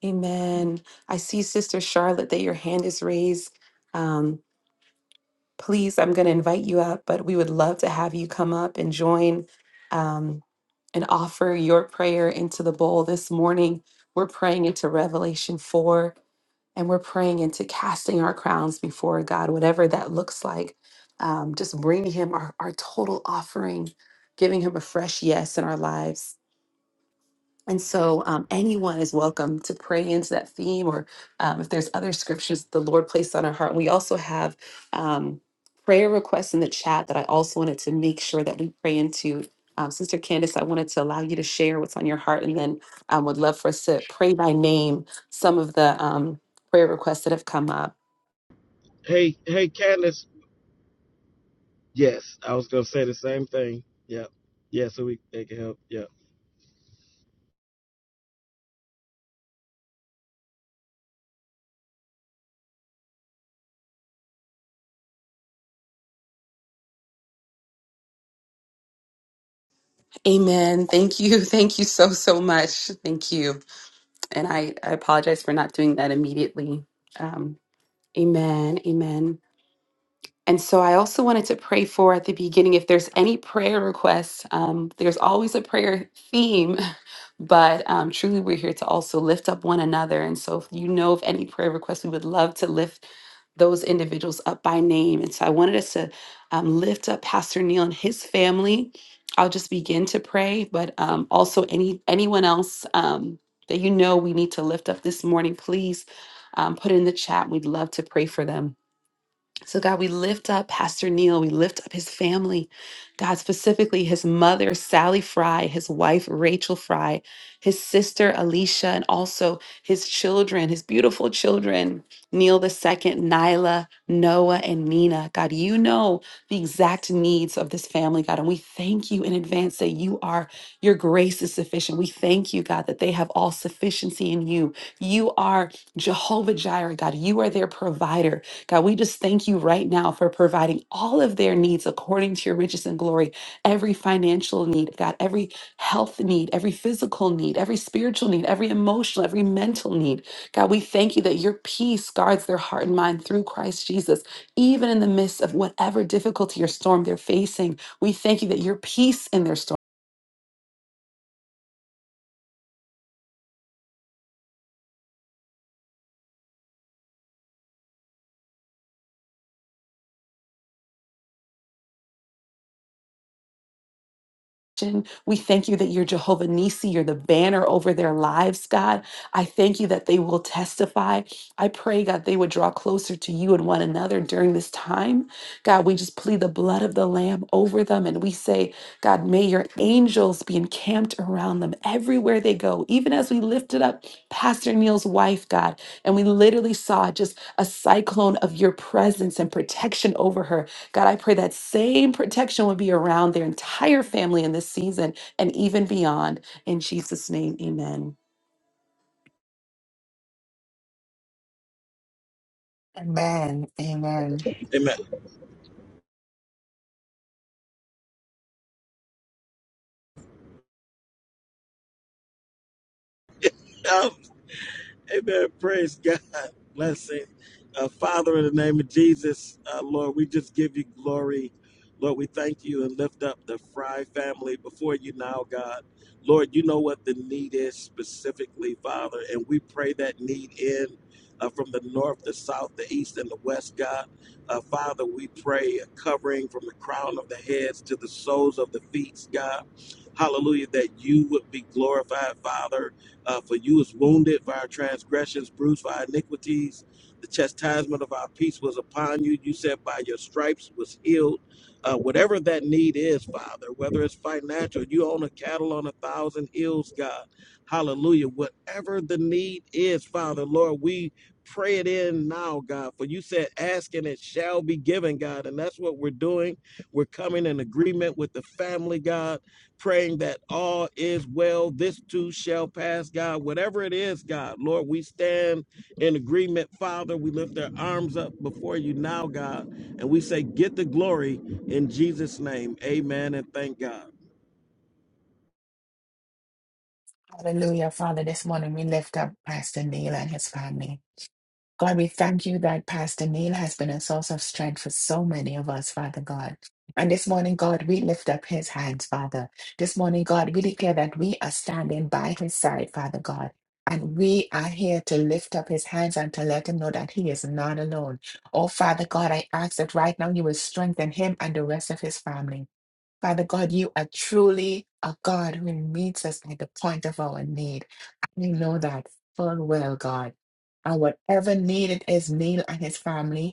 Speaker 1: Amen. I see, Sister Charlotte, that your hand is raised. Um, please, I'm going to invite you up, but we would love to have you come up and join um, and offer your prayer into the bowl. This morning, we're praying into Revelation 4 and we're praying into casting our crowns before God, whatever that looks like. Um, just bringing Him our, our total offering, giving Him a fresh yes in our lives. And so, um, anyone is welcome to pray into that theme, or um, if there's other scriptures the Lord placed on our heart. We also have um, prayer requests in the chat that I also wanted to make sure that we pray into. Um, Sister Candace, I wanted to allow you to share what's on your heart, and then um, would love for us to pray by name some of the um, prayer requests that have come up.
Speaker 6: Hey, hey, Candace. Yes, I was going to say the same thing. Yeah, Yeah, so we they can help. Yeah.
Speaker 1: Amen. Thank you. <laughs> Thank you so, so much. Thank you. And I, I apologize for not doing that immediately. Um, amen. Amen. And so I also wanted to pray for at the beginning if there's any prayer requests, um, there's always a prayer theme, <laughs> but um, truly we're here to also lift up one another. And so if you know of any prayer requests, we would love to lift those individuals up by name. And so I wanted us to um, lift up Pastor Neil and his family. I'll just begin to pray, but um, also any anyone else um, that you know we need to lift up this morning, please um, put it in the chat. We'd love to pray for them. So, God, we lift up Pastor Neil. We lift up his family. God, specifically his mother, Sally Fry, his wife, Rachel Fry, his sister, Alicia, and also his children, his beautiful children, Neil the second, Nyla, Noah, and Nina. God, you know the exact needs of this family, God. And we thank you in advance that you are, your grace is sufficient. We thank you, God, that they have all sufficiency in you. You are Jehovah Jireh, God. You are their provider. God, we just thank you right now for providing all of their needs according to your riches and glory. Every financial need, God, every health need, every physical need, every spiritual need, every emotional, every mental need. God, we thank you that your peace guards their heart and mind through Christ Jesus, even in the midst of whatever difficulty or storm they're facing. We thank you that your peace in their storm We thank you that you're Jehovah Nissi, you're the banner over their lives, God. I thank you that they will testify. I pray, God, they would draw closer to you and one another during this time. God, we just plead the blood of the Lamb over them and we say, God, may your angels be encamped around them everywhere they go, even as we lifted up Pastor Neil's wife, God, and we literally saw just a cyclone of your presence and protection over her God, I pray that same protection would be around their entire family in this season and even beyond. In Jesus' name, amen.
Speaker 5: Amen. Amen.
Speaker 6: Amen. Um, Amen. Praise God. Blessing. Uh, Father, in the name of Jesus, uh, Lord, we just give you glory. Lord, we thank you and lift up the Fry family before you now, God. Lord, you know what the need is specifically, Father, and we pray that need in uh, from the north, the south, the east, and the west, God. Uh, Father, we pray a covering from the crown of the heads to the soles of the feet, God. Hallelujah, that you would be glorified, Father uh, for you was wounded for our transgressions, bruised for our iniquities. The chastisement of our peace was upon you. You said, by your stripes was healed. Uh, whatever that need is, Father, whether it's financial, you own a cattle on a thousand hills, God. Hallelujah. Whatever the need is, Father, Lord, we pray it in now, God. For you said, ask and it shall be given, God. And that's what we're doing. We're coming in agreement with the family, God praying that all is well. This too shall pass, God. Whatever it is, God, Lord, we stand in agreement, Father. We lift our arms up before you now, God, and we say, Get the glory in Jesus' name. Amen. And thank God.
Speaker 5: Hallelujah, Father. This morning we lift up Pastor Neil and his family. God, we thank you that Pastor Neil has been a source of strength for so many of us, Father God. And this morning, God, we lift up his hands, Father. This morning, God, we declare that we are standing by his side, Father God. And we are here to lift up his hands and to let him know that he is not alone. Oh, Father God, I ask that right now you will strengthen him and the rest of his family. Father God, you are truly a God who meets us at the point of our need. I know that full well, God. And whatever need it is, Neil and his family,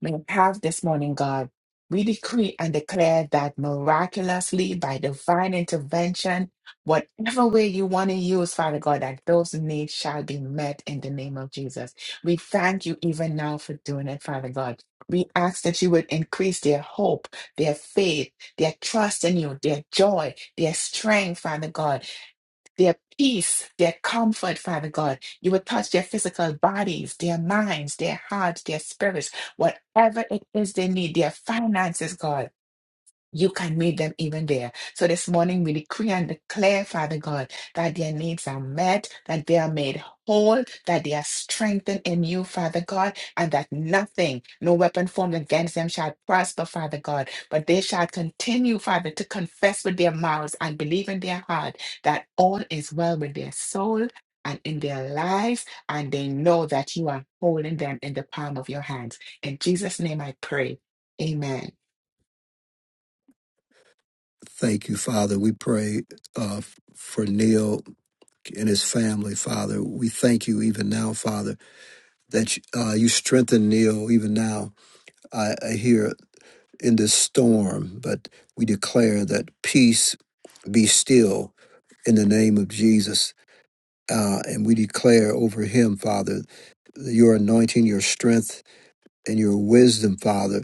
Speaker 5: may have this morning, God. We decree and declare that miraculously, by divine intervention, whatever way you want to use, Father God, that those needs shall be met in the name of Jesus. We thank you even now for doing it, Father God. We ask that you would increase their hope, their faith, their trust in you, their joy, their strength, Father God their peace, their comfort, Father God. You would touch their physical bodies, their minds, their hearts, their spirits, whatever it is they need, their finances, God. You can meet them even there. So this morning we decree and declare, Father God, that their needs are met, that they are made whole, that they are strengthened in you, Father God, and that nothing, no weapon formed against them shall prosper, Father God. But they shall continue, Father, to confess with their mouths and believe in their heart that all is well with their soul and in their lives, and they know that you are holding them in the palm of your hands. In Jesus' name I pray. Amen.
Speaker 3: Thank you, Father. We pray uh, for Neil and his family, Father. We thank you even now, Father, that uh, you strengthen Neil even now. I, I hear in this storm, but we declare that peace be still in the name of Jesus. Uh, and we declare over him, Father, your anointing, your strength, and your wisdom, Father.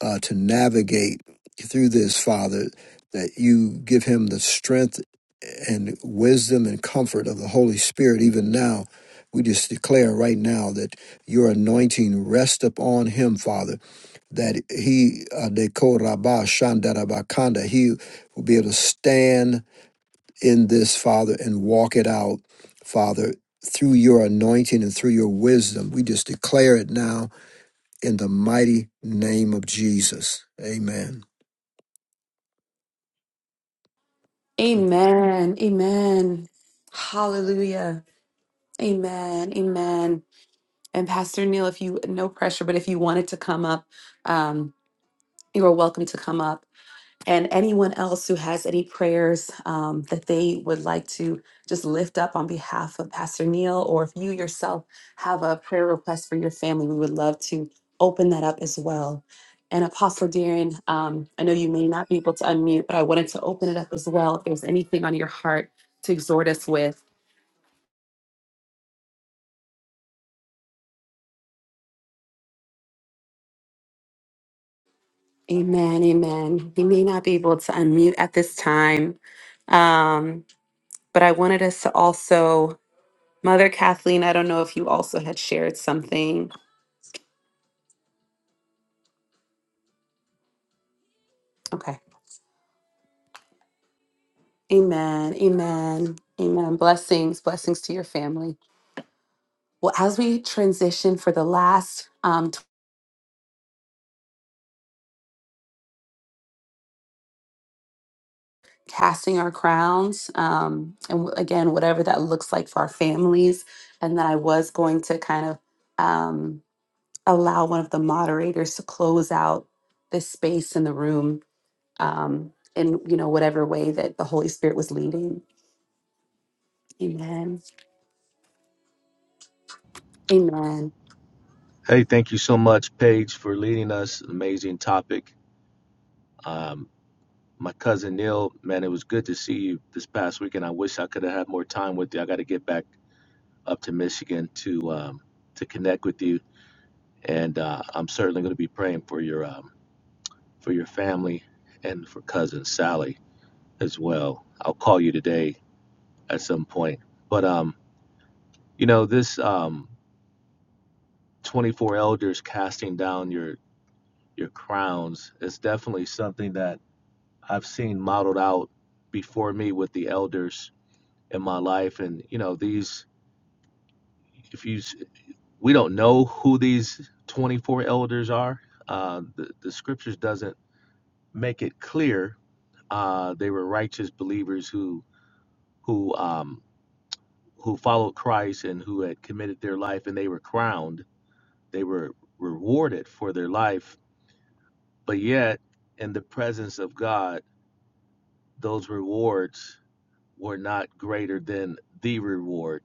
Speaker 3: uh, to navigate through this, Father, that you give him the strength and wisdom and comfort of the Holy Spirit even now. We just declare right now that your anointing rest upon him, Father, that he, uh, deko rabba shandarabakanda, he will be able to stand in this, Father, and walk it out, Father, through your anointing and through your wisdom. We just declare it now in the mighty name of Jesus. Amen.
Speaker 1: Amen. Amen. Hallelujah. Amen. Amen. And Pastor Neil, if you, no pressure, but if you wanted to come up, um, you are welcome to come up. and anyone else who has any prayers um, that they would like to just lift up on behalf of Pastor Neil, or if you yourself have a prayer request for your family, we would love to open that up as well. And Apostle Darren, um, I know you may not be able to unmute, but I wanted to open it up as well. If there's anything on your heart to exhort us with, Amen, Amen. He may not be able to unmute at this time, um, but I wanted us to also Mother Kathleen, I don't know if you also had shared something. Okay. Amen. Amen. Amen. Blessings. Blessings to your family. Well, as we transition for the last um, t- casting our crowns, um, and w- again, whatever that looks like for our families, and then I was going to kind of um, allow one of the moderators to close out this space in the room um, in you know whatever way that the Holy Spirit was leading. Amen. Amen.
Speaker 8: Hey, thank you so much, Paige, for leading us. Amazing topic. Um, my cousin Neil, man, it was good to see you this past weekend. I wish I could have had more time with you. I got to get back up to Michigan to um, to connect with you, and uh, I'm certainly going to be praying for your um, for your family and for cousin Sally as well. I'll call you today at some point. But um, you know, this um, 24 elders casting down your your crowns is definitely something that I've seen modeled out before me with the elders in my life, and you know these. If you, s- we don't know who these 24 elders are. Uh, the the scriptures doesn't make it clear. Uh, they were righteous believers who who um, who followed Christ and who had committed their life, and they were crowned. They were rewarded for their life, but yet in the presence of God, those rewards were not greater than the reward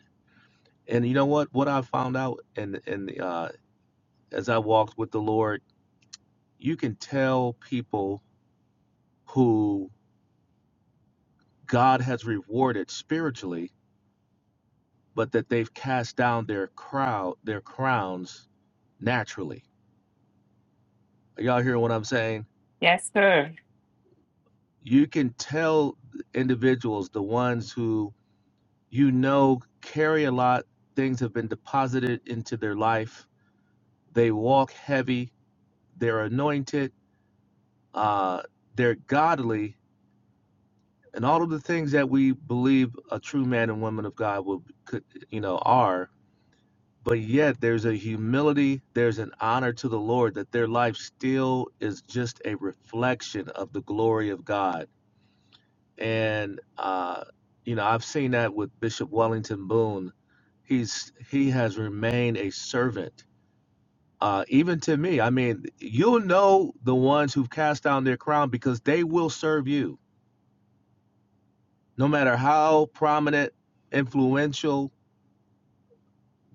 Speaker 8: And you know what? What I found out, and and uh, as I walked with the Lord, you can tell people who God has rewarded spiritually, but that they've cast down their crowd, their crowns naturally. Are y'all hearing what I'm saying?
Speaker 5: Yes, sir.
Speaker 8: You can tell individuals, the ones who you know carry a lot, things have been deposited into their life. They walk heavy. They're anointed. Uh, they're godly, and all of the things that we believe a true man and woman of God will could you know are but yet there's a humility there's an honor to the Lord that their life still is just a reflection of the glory of God and uh you know I've seen that with Bishop Wellington Boone he's he has remained a servant uh even to me I mean you'll know the ones who've cast down their crown because they will serve you no matter how prominent, influential,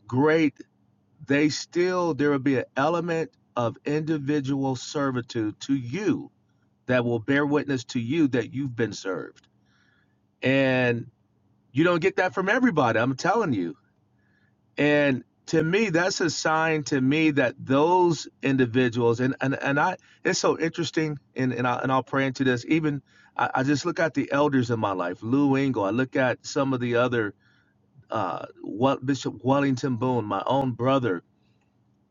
Speaker 8: great, they still, there will be an element of individual servitude to you that will bear witness to you that you've been served. And you don't get that from everybody, I'm telling you. And to me, that's a sign to me that those individuals, and, and, and I, it's so interesting, and, and, I, and I'll pray into this. Even I, I just look at the elders in my life, Lou Engle, I look at some of the other uh, what Bishop Wellington Boone, my own brother.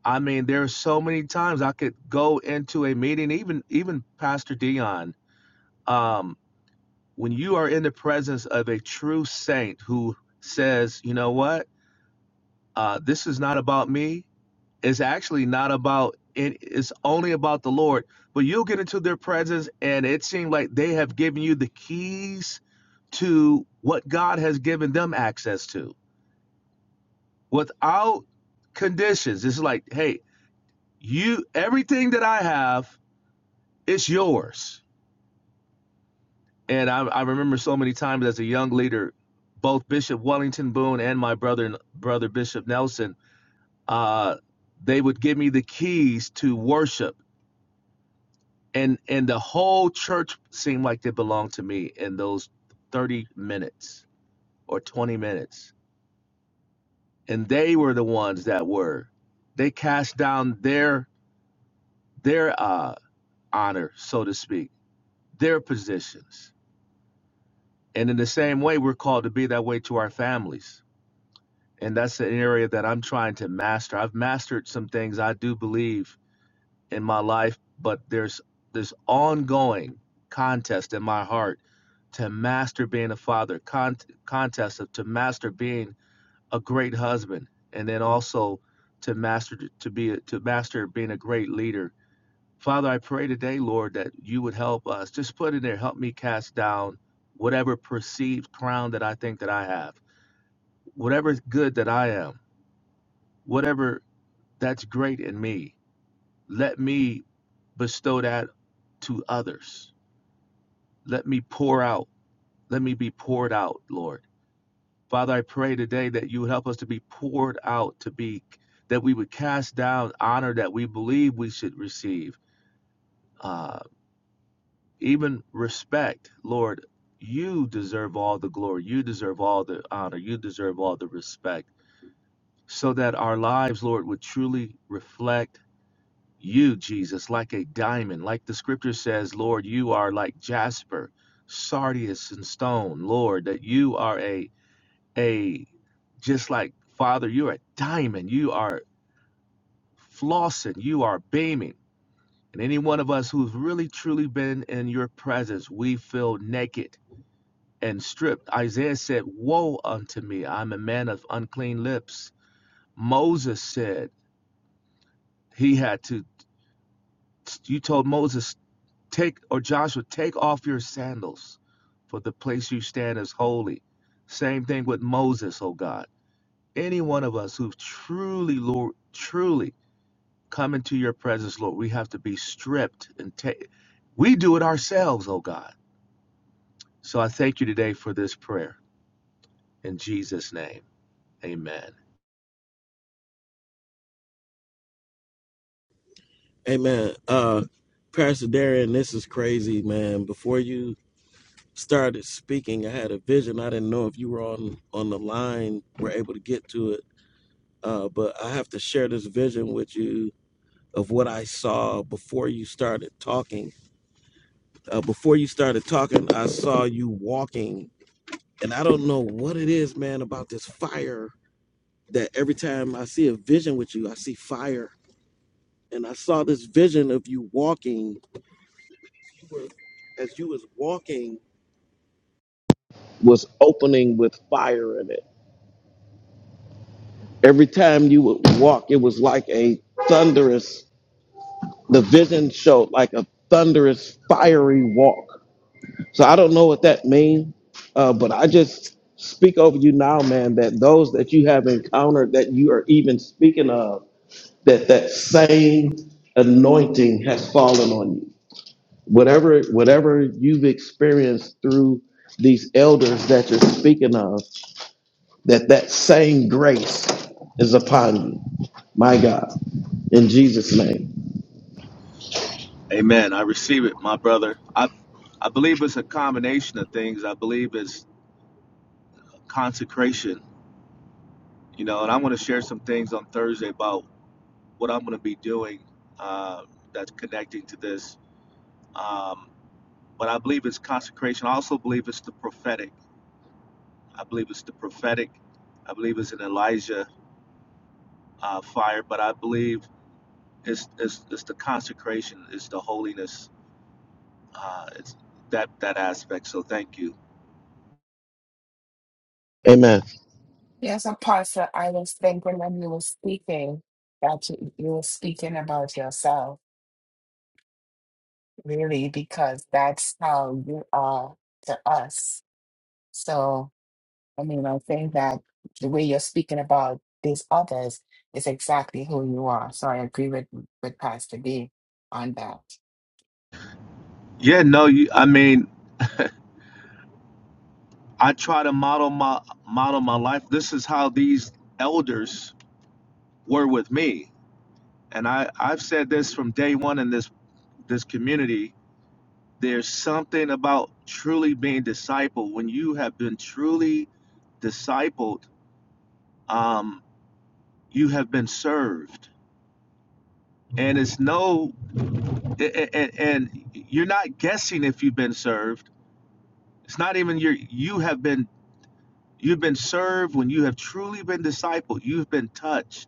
Speaker 8: I mean, there are so many times I could go into a meeting, even even Pastor Dion. Um, when you are in the presence of a true saint who says, you know what, uh, this is not about me. It's actually not about it. It's only about the Lord. But you'll get into their presence, and it seems like they have given you the keys to what God has given them access to without conditions. It's like, hey, you everything that I have, it's yours. And I, I remember so many times as a young leader, both Bishop Wellington Boone and my brother brother Bishop Nelson, uh, they would give me the keys to worship, and and the whole church seemed like they belonged to me in those thirty minutes or twenty minutes, and they were the ones that were, they cast down their their uh honor, so to speak, their positions. And in the same way, we're called to be that way to our families. And that's an area that I'm trying to master. I've mastered some things I do believe in my life, but there's this ongoing contest in my heart to master being a father, con- contest of, to master being a great husband, and then also to master to be a, to master being a great leader Father, I pray today, Lord, that you would help us. Just put in there, help me cast down whatever perceived crown that I think that I have, whatever good that I am, whatever that's great in me. Let me bestow that to others. Let me pour out. Let me be poured out, Lord. Father, I pray today that you would help us to be poured out, to be that we would cast down honor that we believe we should receive. uh, even respect lord you deserve all the glory you deserve all the honor you deserve all the respect so that our lives lord would truly reflect you jesus like a diamond like the scripture says lord you are like jasper sardius and stone lord that you are a a just like father you're a diamond you are flossing you are beaming and any one of us who's really truly been in your presence we feel naked and stripped. Isaiah said, Woe unto me, I'm a man of unclean lips. Moses said, He had to, you told Moses, take, or Joshua, take off your sandals, for the place you stand is holy. Same thing with Moses, oh God. Any one of us who've truly, Lord, truly come into your presence, Lord, we have to be stripped and take, we do it ourselves, oh God. So I thank you today for this prayer. In Jesus' name, amen.
Speaker 6: Amen. Uh, Pastor Darian, this is crazy, man. Before you started speaking, I had a vision. I didn't know if you were on on the line, were able to get to it. Uh, but I have to share this vision with you of what I saw before you started talking. Uh, before you started talking, I saw you walking, and I don't know what it is, man, about this fire that every time I see a vision with you, I see fire. And I saw this vision of you walking as you was walking was opening with fire in it. Every time you would walk, it was like a thunderous, the vision showed like a thunderous, fiery walk So I don't know what that means, uh, but I just speak over you now, man, that those that you have encountered that you are even speaking of, that that same anointing has fallen on you. Whatever, whatever you've experienced through these elders that you're speaking of, that that same grace is upon you. My God, in Jesus' name,
Speaker 8: Amen. I receive it, my brother. I I believe it's a combination of things. I believe it's consecration, you know, and I want to share some things on Thursday about what I'm going to be doing uh, that's connecting to this. Um, but I believe it's consecration. I also believe it's the prophetic. I believe it's the prophetic. I believe it's an Elijah uh, fire, but I believe it's, it's, it's the consecration, it's the holiness, uh, it's that that aspect. So thank you.
Speaker 6: Amen.
Speaker 5: Yes, Apostle, I was thinking when you were speaking that you, you were speaking about yourself, really, because that's how you are to us. So. I mean, I think that the way you're speaking about these others is exactly who you are. So I agree with with Pastor B on that.
Speaker 8: Yeah, no, you, I mean, I try to model my model my life. This is how these elders were with me. And I, I've said this from day one in this this community. There's something about truly being discipled. When you have been truly discipled, um, you have been served. And it's no and, and you're not guessing if you've been served. It's not even your you have been you've been served when you have truly been discipled. You've been touched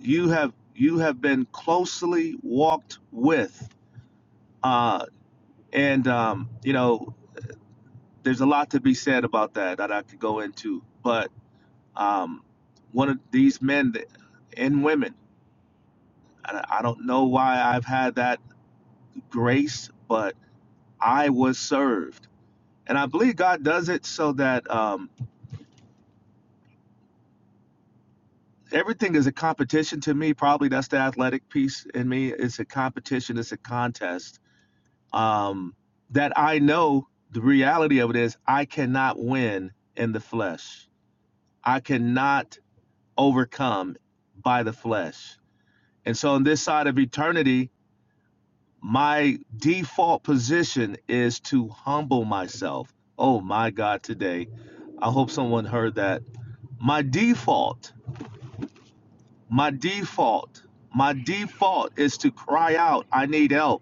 Speaker 8: you have you have been closely walked with uh and um you know there's a lot to be said about that that i could go into but um one of these men that, and women and i don't know why i've had that grace but i was served and i believe god does it so that um everything is a competition to me probably that's the athletic piece in me it's a competition it's a contest um, that I know the reality of it is I cannot win in the flesh. I cannot overcome by the flesh. And so on this side of eternity, my default position is to humble myself. Oh my God, today. I hope someone heard that. My default, my default, my default is to cry out, I need help.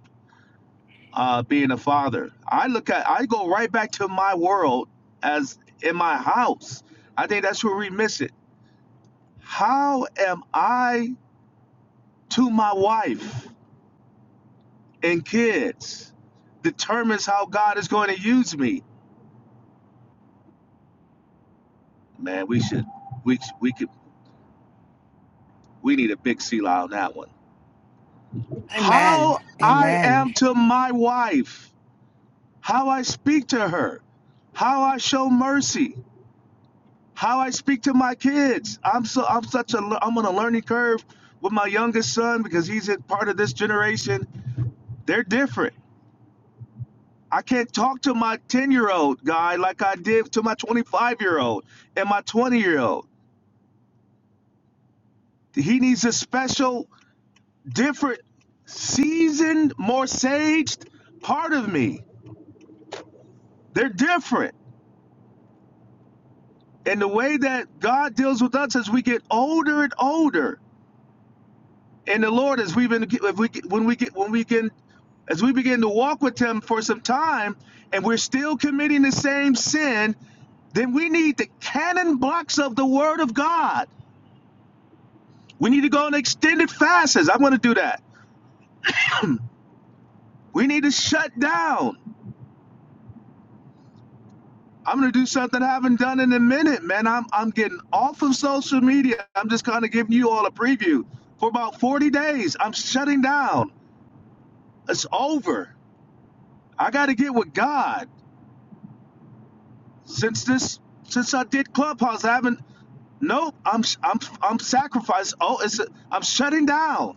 Speaker 8: uh, being a father. I look at, I go right back to my world as in my house. I think that's where we miss it. How am I to my wife and kids determines how God is going to use me. Man, we should, we we could, we need a big seal on that one.
Speaker 5: Amen.
Speaker 8: How I
Speaker 5: Amen.
Speaker 8: am to my wife, how I speak to her, how I show mercy, how I speak to my kids. I'm so I'm such a I'm on a learning curve with my youngest son because he's a part of this generation. They're different. I can't talk to my 10-year-old guy like I did to my 25-year-old and my 20-year-old. He needs a special, different, seasoned, more saged part of me. They're different. And the way that God deals with us as we get older and older, And the Lord, as we've been, if we when we get when we can, as we begin to walk with Him for some time, and we're still committing the same sin, then we need the cannon blocks of the Word of God. We need to go on extended fasts. I'm going to do that. We need to shut down. I'm going to do something I haven't done in a minute, man. I'm I'm getting off of social media. I'm just kind of giving you all a preview. For about 40 days, I'm shutting down. It's over. I got to get with God. since this since I did Clubhouse, I haven't. Nope, I'm I'm I'm sacrificed. Oh, it's a, I'm shutting down.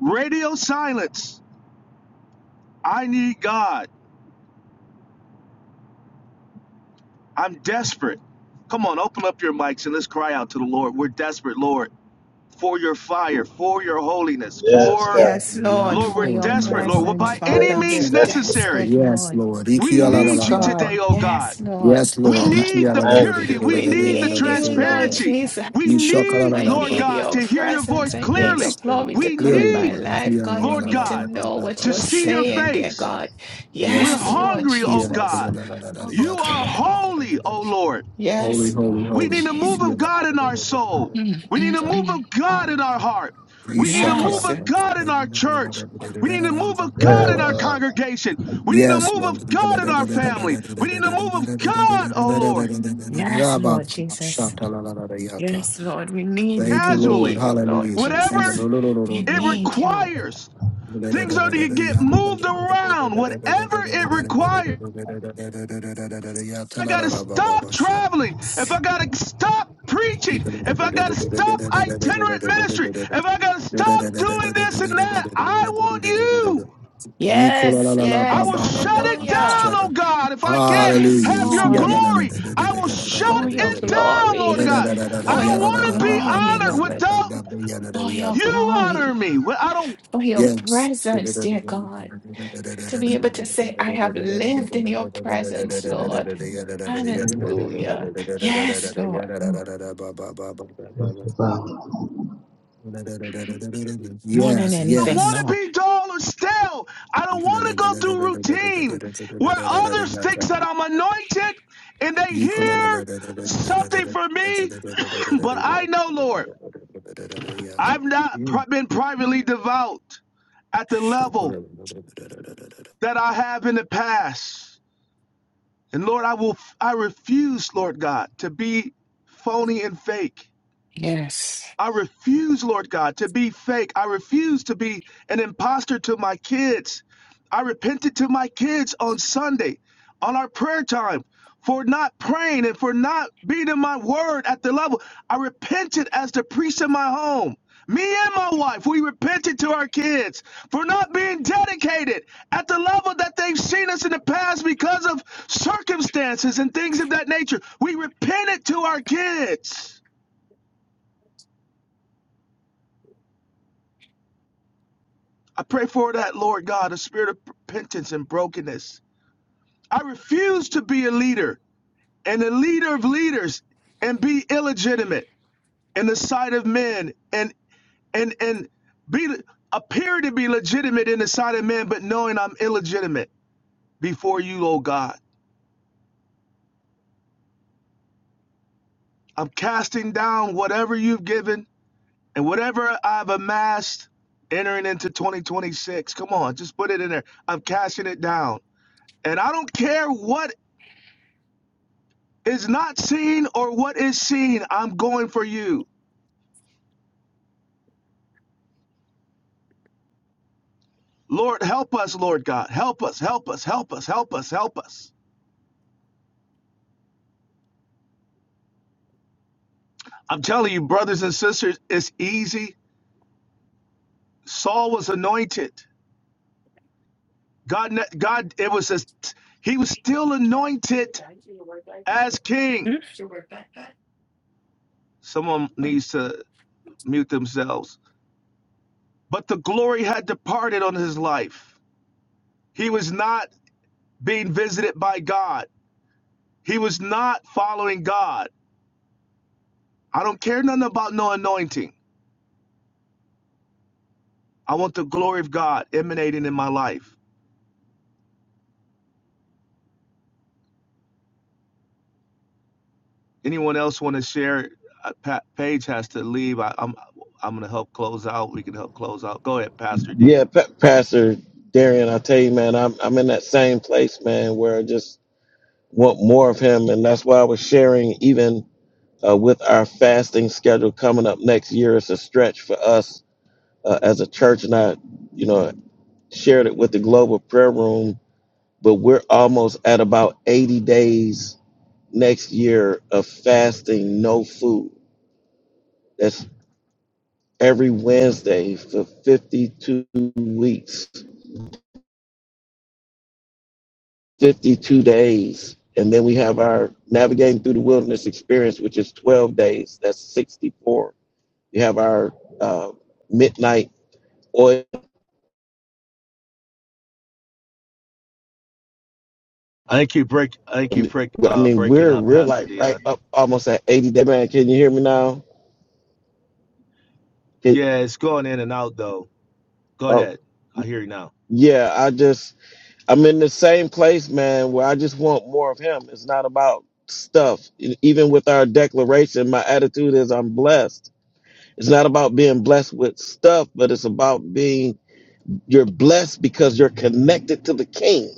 Speaker 8: Radio silence. I need God. I'm desperate. Come on, open up your mics and let's cry out to the Lord. We're desperate, Lord, for your fire, for your holiness, for
Speaker 3: Yes,
Speaker 5: Yes, Lord,
Speaker 8: Lord, we're
Speaker 5: for your
Speaker 8: desperate, Lord. Well,
Speaker 5: presence,
Speaker 8: by any
Speaker 5: Father.
Speaker 8: means
Speaker 5: We're
Speaker 8: necessary,
Speaker 5: desperate, Lord.
Speaker 3: Lord.
Speaker 8: we
Speaker 5: Yes,
Speaker 8: need you today,
Speaker 5: God.
Speaker 8: oh God.
Speaker 5: Yes, Lord.
Speaker 3: Yes,
Speaker 8: We
Speaker 3: Lord.
Speaker 5: Oh, my
Speaker 8: need the
Speaker 5: God.
Speaker 8: purity. We
Speaker 5: We
Speaker 8: need the
Speaker 5: need you, Lord
Speaker 8: transparency. We
Speaker 5: Jesus.
Speaker 8: need,
Speaker 5: I
Speaker 8: Lord
Speaker 5: need
Speaker 8: God,
Speaker 5: your
Speaker 8: to hear your voice
Speaker 5: presence. I need your
Speaker 8: clearly.
Speaker 3: Yes,
Speaker 5: glory
Speaker 3: Lord.
Speaker 5: to
Speaker 8: We
Speaker 5: come
Speaker 3: clearly,
Speaker 5: in my
Speaker 8: need,
Speaker 3: Lord.
Speaker 5: life, God. I
Speaker 8: Lord
Speaker 5: need to
Speaker 8: God,
Speaker 5: know what
Speaker 8: to
Speaker 5: you're
Speaker 8: see your
Speaker 5: saying, dear
Speaker 8: face.
Speaker 5: God.
Speaker 8: We're
Speaker 3: Yes,
Speaker 5: Yes,
Speaker 3: Lord.
Speaker 5: Lord
Speaker 8: hungry, oh
Speaker 5: Jesus.
Speaker 8: God.
Speaker 5: Oh,
Speaker 8: You are
Speaker 5: God.
Speaker 8: holy, oh Lord.
Speaker 3: Holy,
Speaker 5: Yes,
Speaker 3: holy,
Speaker 5: Lord
Speaker 8: We
Speaker 3: holy.
Speaker 8: need a
Speaker 5: Jesus.
Speaker 8: move of God in our soul.
Speaker 5: Mm,
Speaker 8: We need a
Speaker 5: mm,
Speaker 8: move
Speaker 5: mm.
Speaker 8: of God in our heart.
Speaker 3: Yes,
Speaker 8: We need a move
Speaker 5: Yes.
Speaker 8: of God in our church. We need a move of God in our congregation. We need a move of
Speaker 3: Lord.
Speaker 8: God in our family. We need a move of God, oh Lord.
Speaker 5: Yes, Lord Jesus. Yes, Lord, we need you.
Speaker 3: Thank
Speaker 5: We
Speaker 3: you, Lord.
Speaker 8: casually.
Speaker 5: need you, Lord
Speaker 3: Hallelujah.
Speaker 8: Whatever
Speaker 5: Jesus. We
Speaker 8: it
Speaker 5: need you.
Speaker 8: requires. Things are to get moved around. Whatever it requires. I gotta stop traveling. If I
Speaker 5: Yes.
Speaker 8: gotta stop preaching. If I gotta stop itinerant ministry. If I gotta stop doing this and that. I want you.
Speaker 5: Yes,
Speaker 3: Hallelujah.
Speaker 8: I
Speaker 5: yes.
Speaker 8: will shut it down,
Speaker 5: Hallelujah.
Speaker 8: oh God. If I can't
Speaker 5: Yes,
Speaker 8: have your
Speaker 5: Lord,
Speaker 8: glory, I will shut
Speaker 5: for your
Speaker 8: it down, Lord
Speaker 5: glory,
Speaker 8: God. I
Speaker 5: for
Speaker 8: don't
Speaker 5: your
Speaker 8: want to be
Speaker 5: glory,
Speaker 8: honored
Speaker 5: Lord,
Speaker 8: without
Speaker 5: for your
Speaker 8: you
Speaker 5: glory,
Speaker 8: honoring me. Well, I don't
Speaker 5: for your
Speaker 3: Yes.
Speaker 5: presence, dear God, to be able to say, I have lived in your presence, Lord. Hallelujah. Yes, Lord, more than
Speaker 3: Yes,
Speaker 8: I don't
Speaker 5: anything,
Speaker 8: want to
Speaker 5: Lord.
Speaker 8: be dull or stale. I don't want to go through routine where others think
Speaker 3: yes.
Speaker 8: that I'm anointed and they
Speaker 3: Say it
Speaker 8: hear something from me. <clears throat> but I know, Lord, I've not been privately devout at the level that I have in the past. And Lord, I will I refuse, Lord God, to be phony and fake.
Speaker 5: Yes.
Speaker 8: I refuse, Lord God, to be fake. I refuse to be an imposter to my kids. I repented to my kids on Sunday, on our prayer time, for not praying and for not being in my word at the level. I repented as the priest in my home. Me and my wife, we repented to our kids for not being dedicated at the level that they've seen us in the past because of circumstances and things of that nature. We repented to our kids. I pray for that, Lord God, a spirit of repentance and brokenness. I refuse to be a leader and a leader of leaders and be illegitimate in the sight of men and and and be appear to be legitimate in the sight of men, but knowing I'm illegitimate before you, oh God. I'm casting down whatever you've given and whatever I've amassed entering into 2026. Come on, just put it in there. I'm casting it down. And I don't care what is not seen or what is seen, I'm going for you. Lord, help us, Lord God. Help us, help us, help us, help us, help us. I'm telling you, brothers and sisters, it's easy. Saul was anointed. God, God, it was a, he was still
Speaker 5: Can you
Speaker 8: anointed
Speaker 5: guys do your work like that?
Speaker 8: as king.
Speaker 5: Mm. Your work life balance?
Speaker 8: Someone needs to mute themselves. But the glory had departed on his life. He was not being visited by God. He was not following God. I don't care nothing about no anointing. I want the glory of God emanating in my life. Anyone else want to share? Uh, Pa- Paige has to leave. I, I'm I'm gonna help close out. We can help close out. Go ahead, Pastor
Speaker 6: Yeah,
Speaker 8: D.
Speaker 6: Pa- Pastor Darian, I tell you, man, I'm I'm in that same place, man, where I just want more of him, and that's why I was sharing even uh, with our fasting schedule coming up next year. It's a stretch for us uh, as a church, and I, you know, shared it with the Global Prayer Room. But we're almost at about 80 days next year of fasting, no food. That's every Wednesday for 52 weeks 52 days. And then we have our navigating through the wilderness experience, which is 12 days. That's 64. You have our uh, midnight oil.
Speaker 8: I think you break. I think you break.
Speaker 6: I
Speaker 8: Uh,
Speaker 6: mean,
Speaker 8: breaking
Speaker 6: we're
Speaker 8: up,
Speaker 6: we're
Speaker 8: Pastor
Speaker 6: like
Speaker 8: D. Uh,
Speaker 6: right up almost at 80 day man. Can you hear me now? Can-
Speaker 8: yeah, it's going in and out though. Go
Speaker 6: oh,
Speaker 8: ahead. I hear you now.
Speaker 6: yeah. I just I'm in the same place, man, where I just want more of Him. It's not about stuff. E- Even with our declaration, my attitude is I'm blessed. It's not about being blessed with stuff, but it's about being You're blessed because you're connected to the King.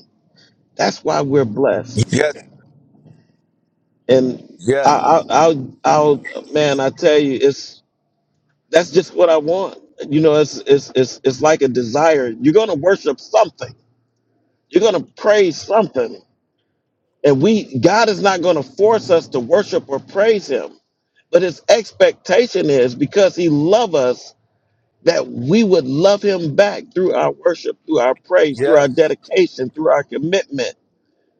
Speaker 6: That's why we're blessed.
Speaker 8: Yes,
Speaker 6: And I,
Speaker 8: yes,
Speaker 6: I, I'll, I'll, man, I tell you, it's that's just what I want. You know, it's it's it's it's like a desire. You're gonna worship something. You're gonna praise something. And we, God is not gonna force us to worship or praise Him. But His expectation is because He loves us that we would love Him back through our worship, through our praise, through our
Speaker 8: yes.
Speaker 6: dedication, through our commitment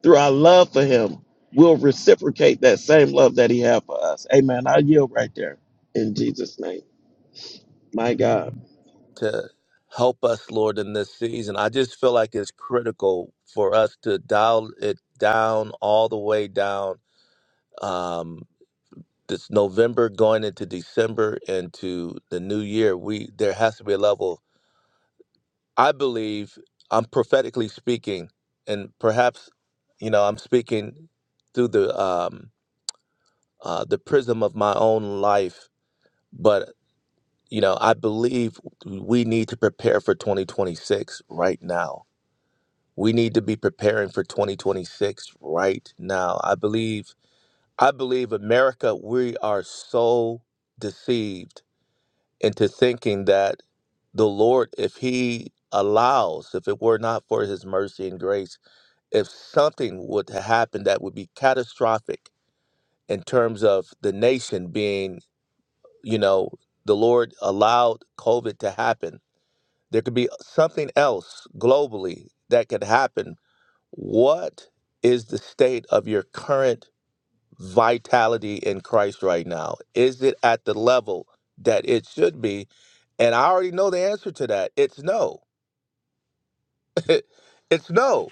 Speaker 6: Through our love for him, we'll reciprocate that same love that he had for us. Amen. I yield right there in Jesus' name. My God.
Speaker 8: To help us, Lord, in this season. I just feel like it's critical for us to dial it down all the way down. Um, this November going into December into the new year, we there has to be a level. I believe I'm prophetically speaking, and perhaps you know I'm speaking through the um, uh, the prism of my own life, but you know I believe we need to prepare for 2026 right now. We need to be preparing for 2026 right now. I believe I believe America. We are so deceived into thinking that the Lord, if He allows, if it were not for His mercy and grace, if something would to happen that would be catastrophic in terms of the nation being, you know, the Lord allowed COVID to happen, there could be something else globally that could happen. What is the state of your current? vitality in Christ right now? Is it at the level that it should be? And I already know the answer to that. It's no. <laughs> it's no.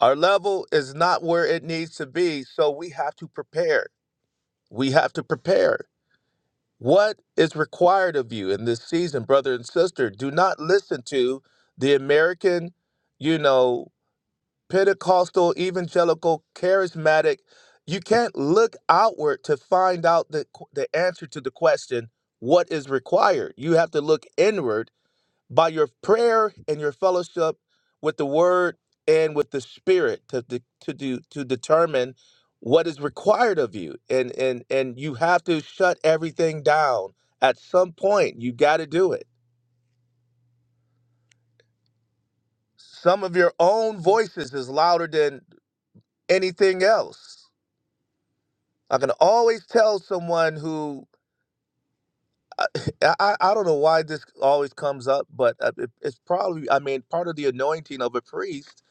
Speaker 8: Our level is not where it needs to be, so we have to prepare. We have to prepare. What is required of you in this season, brother and sister? Do not listen to the American, you know, Pentecostal, evangelical, charismatic. You can't look outward to find out the, the answer to the question, what is required? You have to look inward by your prayer and your fellowship with the word and with the spirit to, de- to, do, to determine what is required of you. And, and, and you have to shut everything down. At some point, you got to do it. Some of your own voices is louder than anything else I can always tell someone who I, <laughs> I, I don't know why this always comes up, but uh, it, it's probably, I mean, part of the anointing of a priest.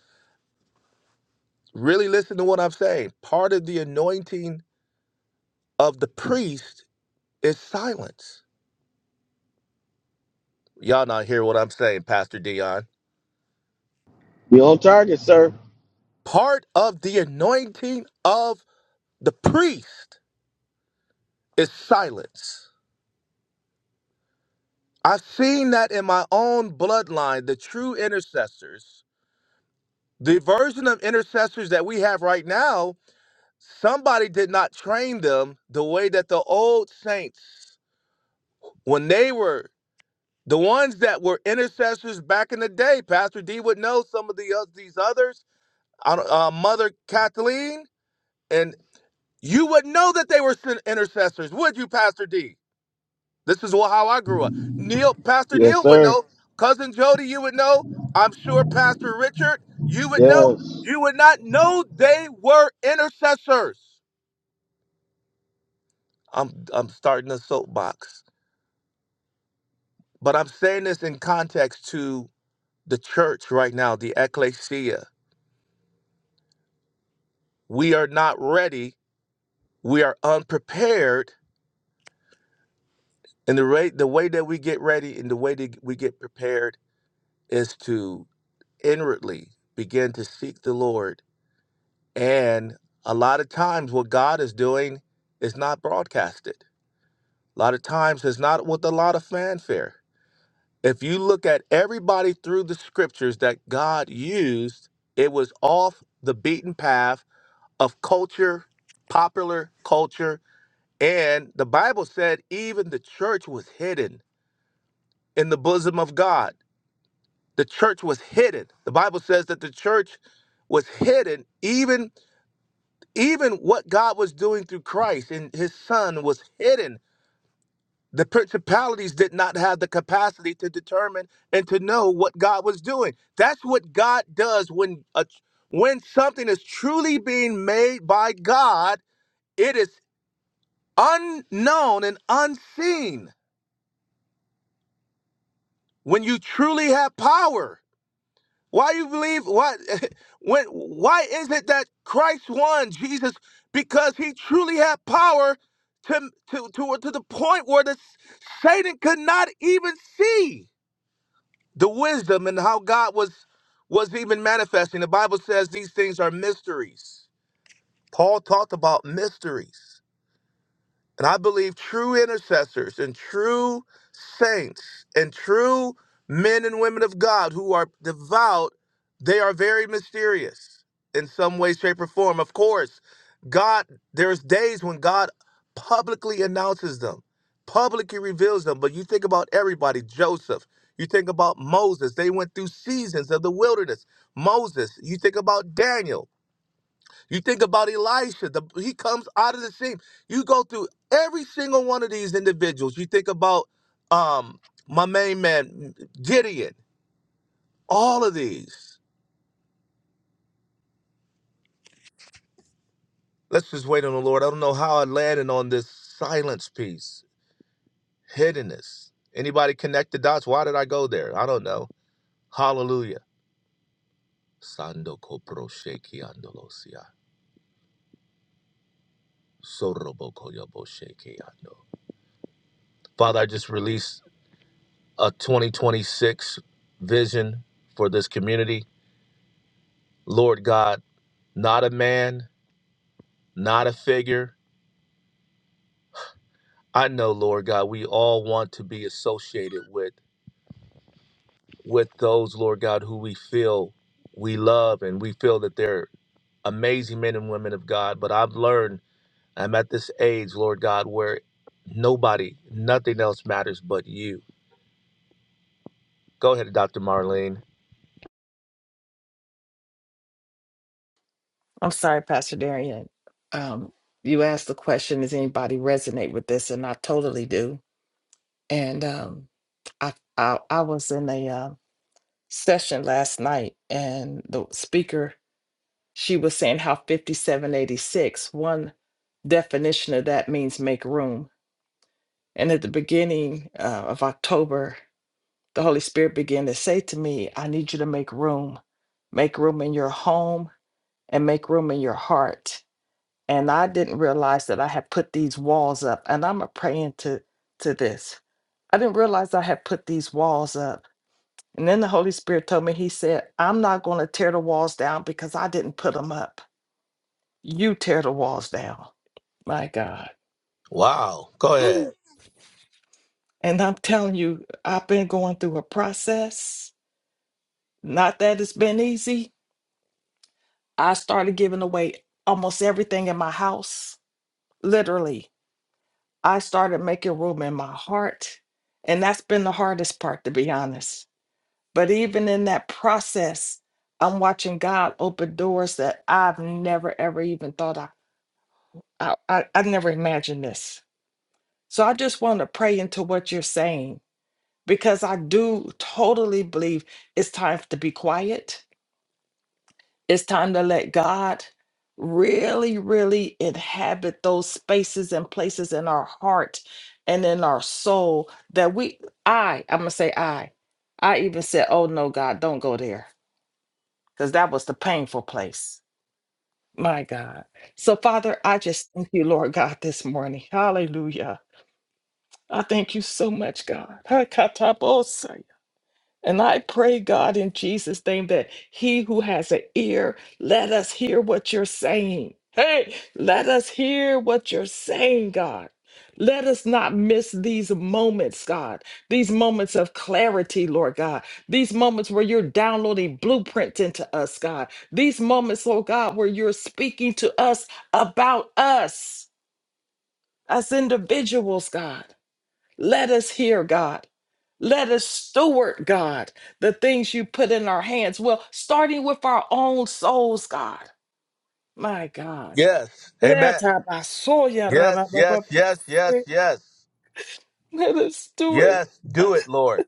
Speaker 8: Really listen to what I'm saying. Part of the anointing of the priest is silence. Y'all not hear what I'm saying, Pastor Dion.
Speaker 6: We on target, sir.
Speaker 8: Part of the anointing of the priest is silence. I've seen that in my own bloodline, the true intercessors, the version of intercessors that we have right now somebody did not train them the way that the old saints, when they were the ones that were intercessors back in the day, Pastor D would know some of the oth- these others, uh, Mother Kathleen, and you would know that they were intercessors, would you, Pastor D? This is how I grew up. Neil, Pastor
Speaker 6: Yes,
Speaker 8: Neil would
Speaker 6: sir.
Speaker 8: know. Cousin Jody, you would know. I'm sure Pastor Richard, you would know.
Speaker 6: Yes.
Speaker 8: You would not know they were intercessors. I'm I'm starting a soapbox. But I'm saying this in context to the church right now, the ecclesia. We are not ready. We are unprepared. And the rate, the way that we get ready and the way that we get prepared is to inwardly begin to seek the Lord. And a lot of times, what God is doing is not broadcasted. A lot of times, it's not with a lot of fanfare. If you look at everybody through the scriptures that God used, it was off the beaten path of culture, popular culture. And the Bible said even the church was hidden in the bosom of God. The church was hidden. The Bible says that the church was hidden even even what God was doing through Christ and his son was hidden. The principalities did not have the capacity to determine and to know what God was doing. That's what God does when a, when something is truly being made by God, it is unknown and unseen when you truly have power why do you believe why <laughs> when why is it that christ won jesus because he truly had power to to to, to the point where the satan could not even see the wisdom and how god was was even manifesting the bible says these things are mysteries paul talked about mysteries And I believe true intercessors and true saints and true men and women of God who are devout, they are very mysterious in some way, shape, or form. Of course, God, there's days when God publicly announces them, publicly reveals them. But you think about everybody, Joseph. You think about Moses. They went through seasons of the wilderness. Moses. You think about Daniel. You think about Elisha, the, he comes out of the sheep. You go through every single one of these individuals. You think about um, my main man, Gideon, all of these. Let's just wait on the Lord. I don't know how I landed on this silence piece, hiddenness. Anybody connect the dots? Why did I go there? I don't know. Hallelujah. Sando kopro sheki andolosia. Sorobo koyobo sheki ando. Father, I just release a 2026 vision for this community. Lord God, not a man, not a figure. I know, Lord God, we all want to be associated with with those, Lord God, who we feel we love and we feel that they're amazing men and women of God. But I've learned I'm at this age, Lord God, where nobody, nothing else matters but you. Go ahead, Dr. Marlene.
Speaker 9: I'm sorry, Pastor Darian. Um, you asked the question, does anybody resonate with this? And I totally do. And um, I, I I was in a uh, session last night, and the speaker she was saying how 5786 one definition of that means make room. And at the beginning uh, of October, the Holy Spirit began to say to me, "I need you to make room, make room in your home, and make room in your heart." and I didn't realize that I had put these walls up. And I'm a praying to to this. I didn't realize I had put these walls up. And then the Holy Spirit told me, He said, I'm not going to tear the walls down because I didn't put them up. You tear the walls down. My God.
Speaker 8: Wow. Go
Speaker 9: <gasps>
Speaker 8: ahead.
Speaker 9: Whew. And I'm telling you, I've been going through a process. Not that it's been easy. I started giving away almost everything in my house, literally I started making room in my heart. And that's been the hardest part, to be honest. But even in that process, I'm watching God open doors that I've never, ever even thought I, I, I, I never imagined this. So I just want to pray into what you're saying because I do totally believe it's time to be quiet It's time to let God really, really inhabit those spaces and places in our heart and in our soul that we, I, I'm going to say I, I even said, oh no, God, don't go there because that was the painful place. My God. So, Father, I just thank you, Lord God, this morning. Hallelujah. I thank you so much, God. And I pray, God, in Jesus' name, that he who has an ear, let us hear what you're saying. Hey, let us hear what you're saying, God. Let us not miss these moments, God, these moments of clarity, Lord God, these moments where you're downloading blueprints into us, God, these moments, Lord God, where you're speaking to us about us, us individuals, God. Let us hear, God. Let us steward, God, the things you put in our hands. Well, starting with our own souls, God. My God.
Speaker 8: Yes.
Speaker 9: <laughs> Let
Speaker 8: Amen. Yes, yes, yes, yes, yes.
Speaker 9: us steward.
Speaker 8: Yes, do
Speaker 9: God.
Speaker 8: it, Lord.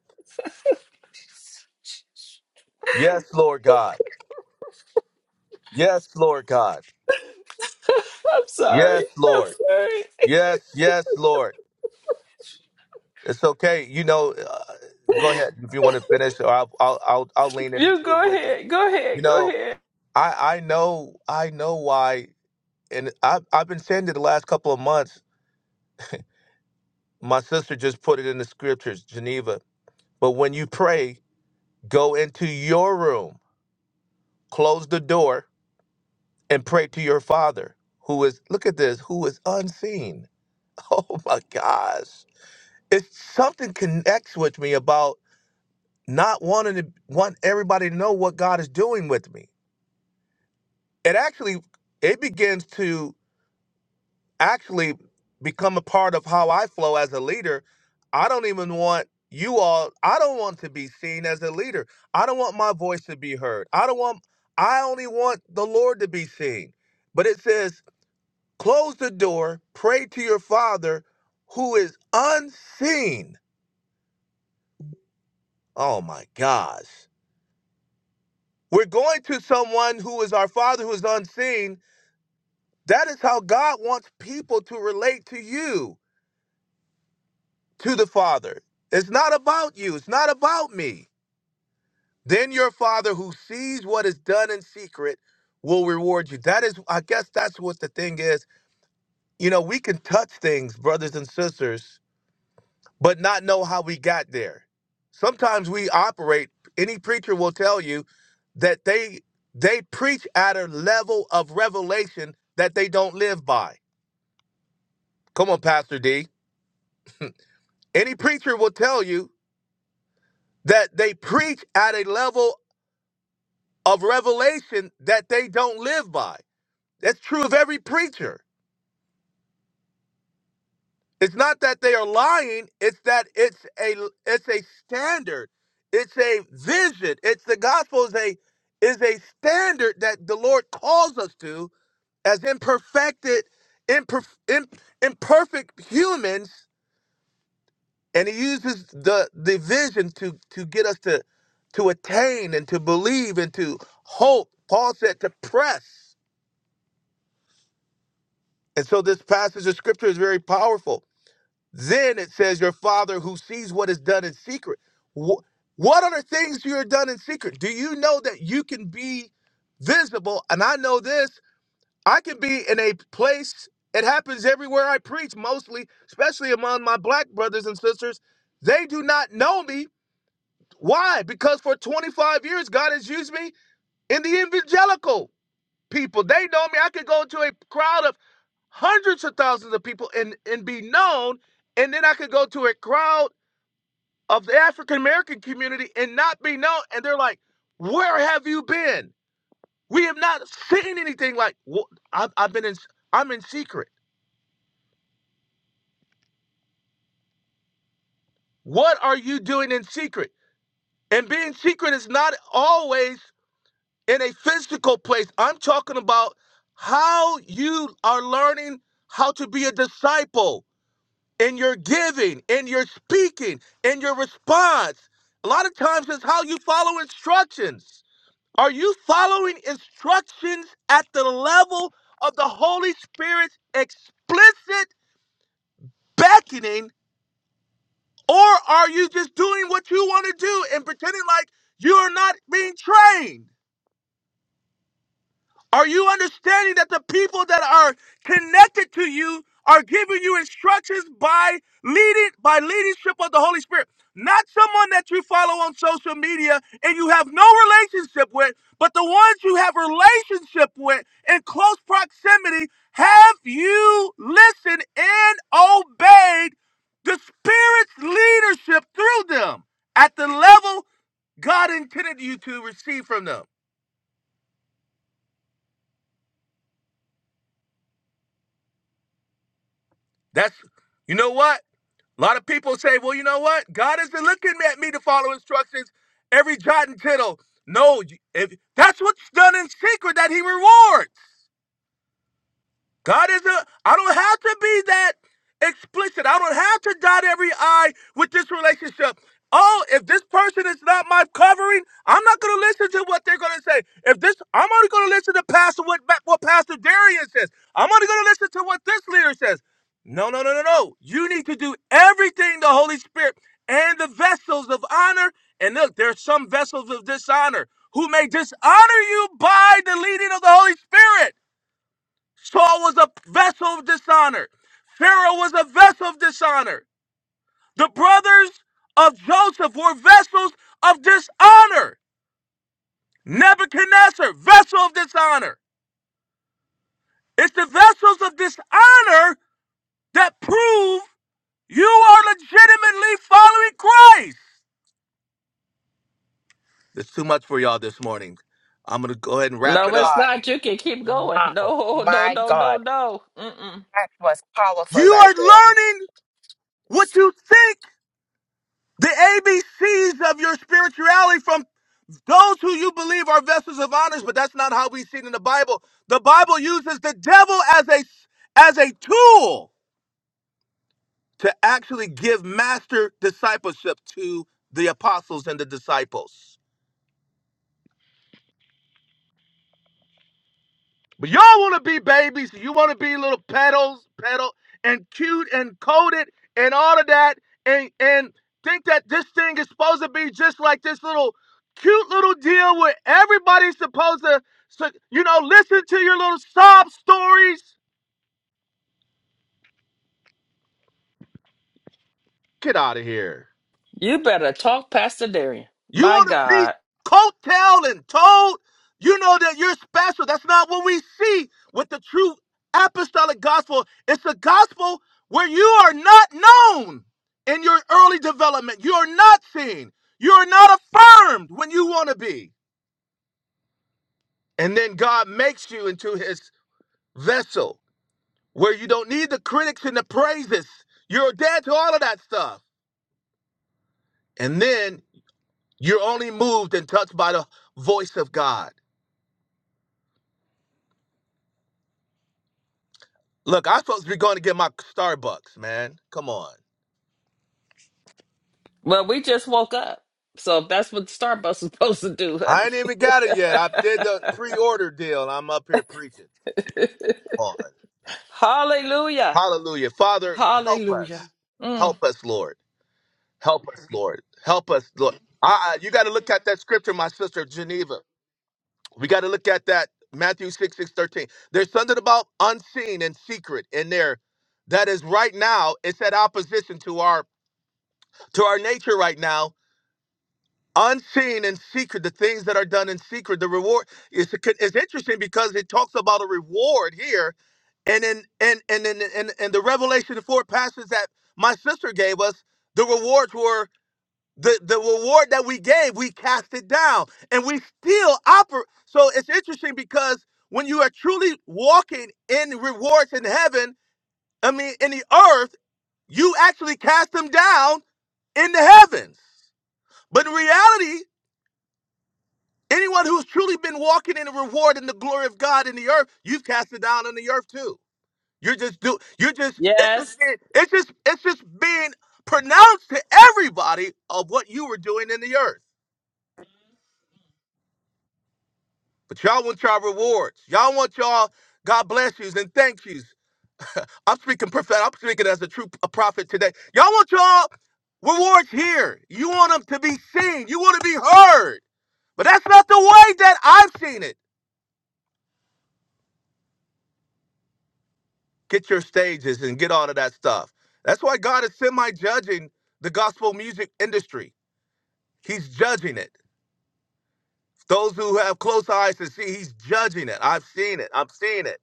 Speaker 8: Yes, Lord God. Yes, Lord God.
Speaker 9: <laughs> I'm sorry.
Speaker 8: Yes,
Speaker 9: I'm
Speaker 8: Lord.
Speaker 9: sorry.
Speaker 8: Yes, yes, Lord. It's okay. You know, uh, go
Speaker 9: <laughs>
Speaker 8: ahead if you want to finish, or I'll, I'll I'll I'll lean into
Speaker 9: You
Speaker 8: it
Speaker 9: go
Speaker 8: with you.
Speaker 9: ahead. Go
Speaker 8: You
Speaker 9: ahead. Go
Speaker 8: know,
Speaker 9: ahead.
Speaker 8: I I know I know why, and I've I've been saying it the last couple of months. My sister just put it in the scriptures, Geneva. But when you pray, go into your room, close the door, and pray to your Father, who is look at this, who is unseen <laughs> Oh my gosh. It's something connects with me about not wanting to want everybody to know what God is doing with me. It actually it begins to actually become a part of how I flow as a leader. I don't even want you all I don't want to be seen as a leader. I don't want my voice to be heard. I don't want I only want the Lord to be seen. But it says, close the door, pray to your father who is unseen Oh my gosh. We're going to someone who is our Father who is unseen. That is how God wants people to relate to you, to the Father. It's not about you, it's not about me. Then your Father who sees what is done in secret will reward you. That is, I guess that's what the thing is. You know, we can touch things, brothers and sisters, but not know how we got there. Sometimes we operate, any preacher will tell you that they they preach at a level of revelation that they don't live by. Come on, Pastor D. Any preacher will tell you that they preach at a level of revelation that they don't live by. That's true of every preacher It's not that they are lying. It's that it's a it's a standard. It's a vision. It's the gospel is a is a standard that the Lord calls us to as imperfected, imperf, im, imperfect humans, and He uses the the vision to to get us to to attain and to believe and to hope. Paul said to press, and so this passage of scripture is very powerful Then it says, Your father who sees what is done in secret. Wh- What are the things you are done in secret? Do you know that you can be visible? And I know this, I can be in a place, it happens everywhere I preach, mostly, especially among my black brothers and sisters. They do not know me. Why? Because for 25 years, God has used me in the evangelical people. They know me. I could go to a crowd of hundreds of thousands of people and, and be known and then I could go to a crowd of the African American community and not be known. And they're like, "Where have you been? We have not seen anything like. Wh- I've, I've been in. I'm in secret. What are you doing in secret? And being secret is not always in a physical place. I'm talking about how you are learning how to be a disciple in your giving, in your speaking, in your response. A lot of times it's how you follow instructions Are you following instructions at the level of the Holy Spirit's explicit beckoning, or are you just doing what you want to do and pretending like you are not being trained? Are you understanding that the people that are connected to you are giving you instructions by leading by leadership of the Holy Spirit? Not someone that you follow on social media and you have no relationship with, but the ones you have relationship with in close proximity, have you listened and obeyed the Spirit's leadership through them at the level God intended you to receive from them? That's you know what? A lot of people say, well, you know what? God has been looking at me to follow instructions every jot and tittle. No, if that's what's done in secret that he rewards. God is a, I don't have to be that explicit. I don't have to dot every I with this relationship. Oh, if this person is not my covering, I'm not going to listen to what they're going to say. If this, I'm only going to listen to Pastor what, what Pastor Darian says. I'm only going to listen to what this leader says. No, no, no, no, no. You need to do everything the Holy Spirit and the vessels of honor. And look, there are some vessels of dishonor who may dishonor you by the leading of the Holy Spirit. Saul was a vessel of dishonor. Pharaoh was a vessel of dishonor. The brothers of Joseph were vessels of dishonor. Nebuchadnezzar, vessel of dishonor. It's the vessels of dishonor that prove you are legitimately following Christ. It's too much for y'all this morning. I'm going to go ahead and wrap
Speaker 5: My
Speaker 9: No,
Speaker 8: it
Speaker 9: it's
Speaker 8: up.
Speaker 5: God.
Speaker 9: not. You can keep going.
Speaker 5: Wow.
Speaker 9: No, no,
Speaker 5: My
Speaker 9: no, no,
Speaker 5: God.
Speaker 9: no. Mm-mm.
Speaker 5: That was powerful
Speaker 8: You are
Speaker 5: right there.
Speaker 8: learning what you think the ABCs of your spirituality from Those who you believe are vessels of honor, but that's not how we see it in the Bible. The Bible uses the devil as a as a tool to actually give master discipleship to the apostles and the disciples. But y'all want to be babies, you want to be little pedals, pedal and cute and coded and all of that and and think that this thing is supposed to be just like this little cute little deal where everybody's supposed to so, you know, listen to your little sob stories Get out of here.
Speaker 9: You better talk, Pastor Darian.
Speaker 8: You
Speaker 9: My
Speaker 8: want to be
Speaker 9: God.
Speaker 8: coattailed and told you know that you're special. That's not what we see with the true apostolic gospel. It's a gospel where you are not known in your early development. You are not seen. You are not affirmed when you want to be. And then God makes you into his vessel where you don't need the critics and the praises. You're dead to all of that stuff. And then you're only moved and touched by the voice of God. Look, I'm supposed to be going to get my Starbucks, man. Come on.
Speaker 9: Well, we just woke up. So that's what Starbucks <laughs> is supposed to do,
Speaker 8: I
Speaker 9: honey.
Speaker 8: ain't even got it yet. I did the pre-order deal. and I'm up here preaching. Come on.
Speaker 9: <laughs> Hallelujah.
Speaker 8: Hallelujah. Father, help
Speaker 9: Hallelujah.
Speaker 8: us.
Speaker 9: Mm.
Speaker 8: Help us, Lord. Help us, Lord. Help us, Lord. I, I got to look at my sister Geneva. We got to look at that 13, this writ in there. That is right now, in addition to our to our nature right now, unseen and secret, the things that are done in secret, the reward. It's, it's interesting because it talks about a reward here and then and and and and, and the revelation four passage that my sister gave us the rewards were the the reward that we gave we cast it down and we still operate so it's interesting because when you are truly walking in rewards in heaven i mean in the earth you actually cast them down in the heavens but in reality anyone who's truly been walking in the reward and the glory of god in the earth you've cast it down on the earth too You're just do you're just it's just
Speaker 9: Yes.
Speaker 8: being, it's just it's just being pronounced to everybody of what you were doing in the earth. But y'all want y'all rewards. Y'all want y'all God bless yous and thank yous. I'm speaking prophet. I'm speaking as a true p- a prophet today. Y'all want y'all rewards here. You want them to be seen. You want to be heard. But that's not the way that I've seen it. Get your stages and get all of that stuff. That's why God is semi-judging the gospel music industry. He's judging it. Those who have close eyes to see, he's judging it. I've seen it. I'm seeing it.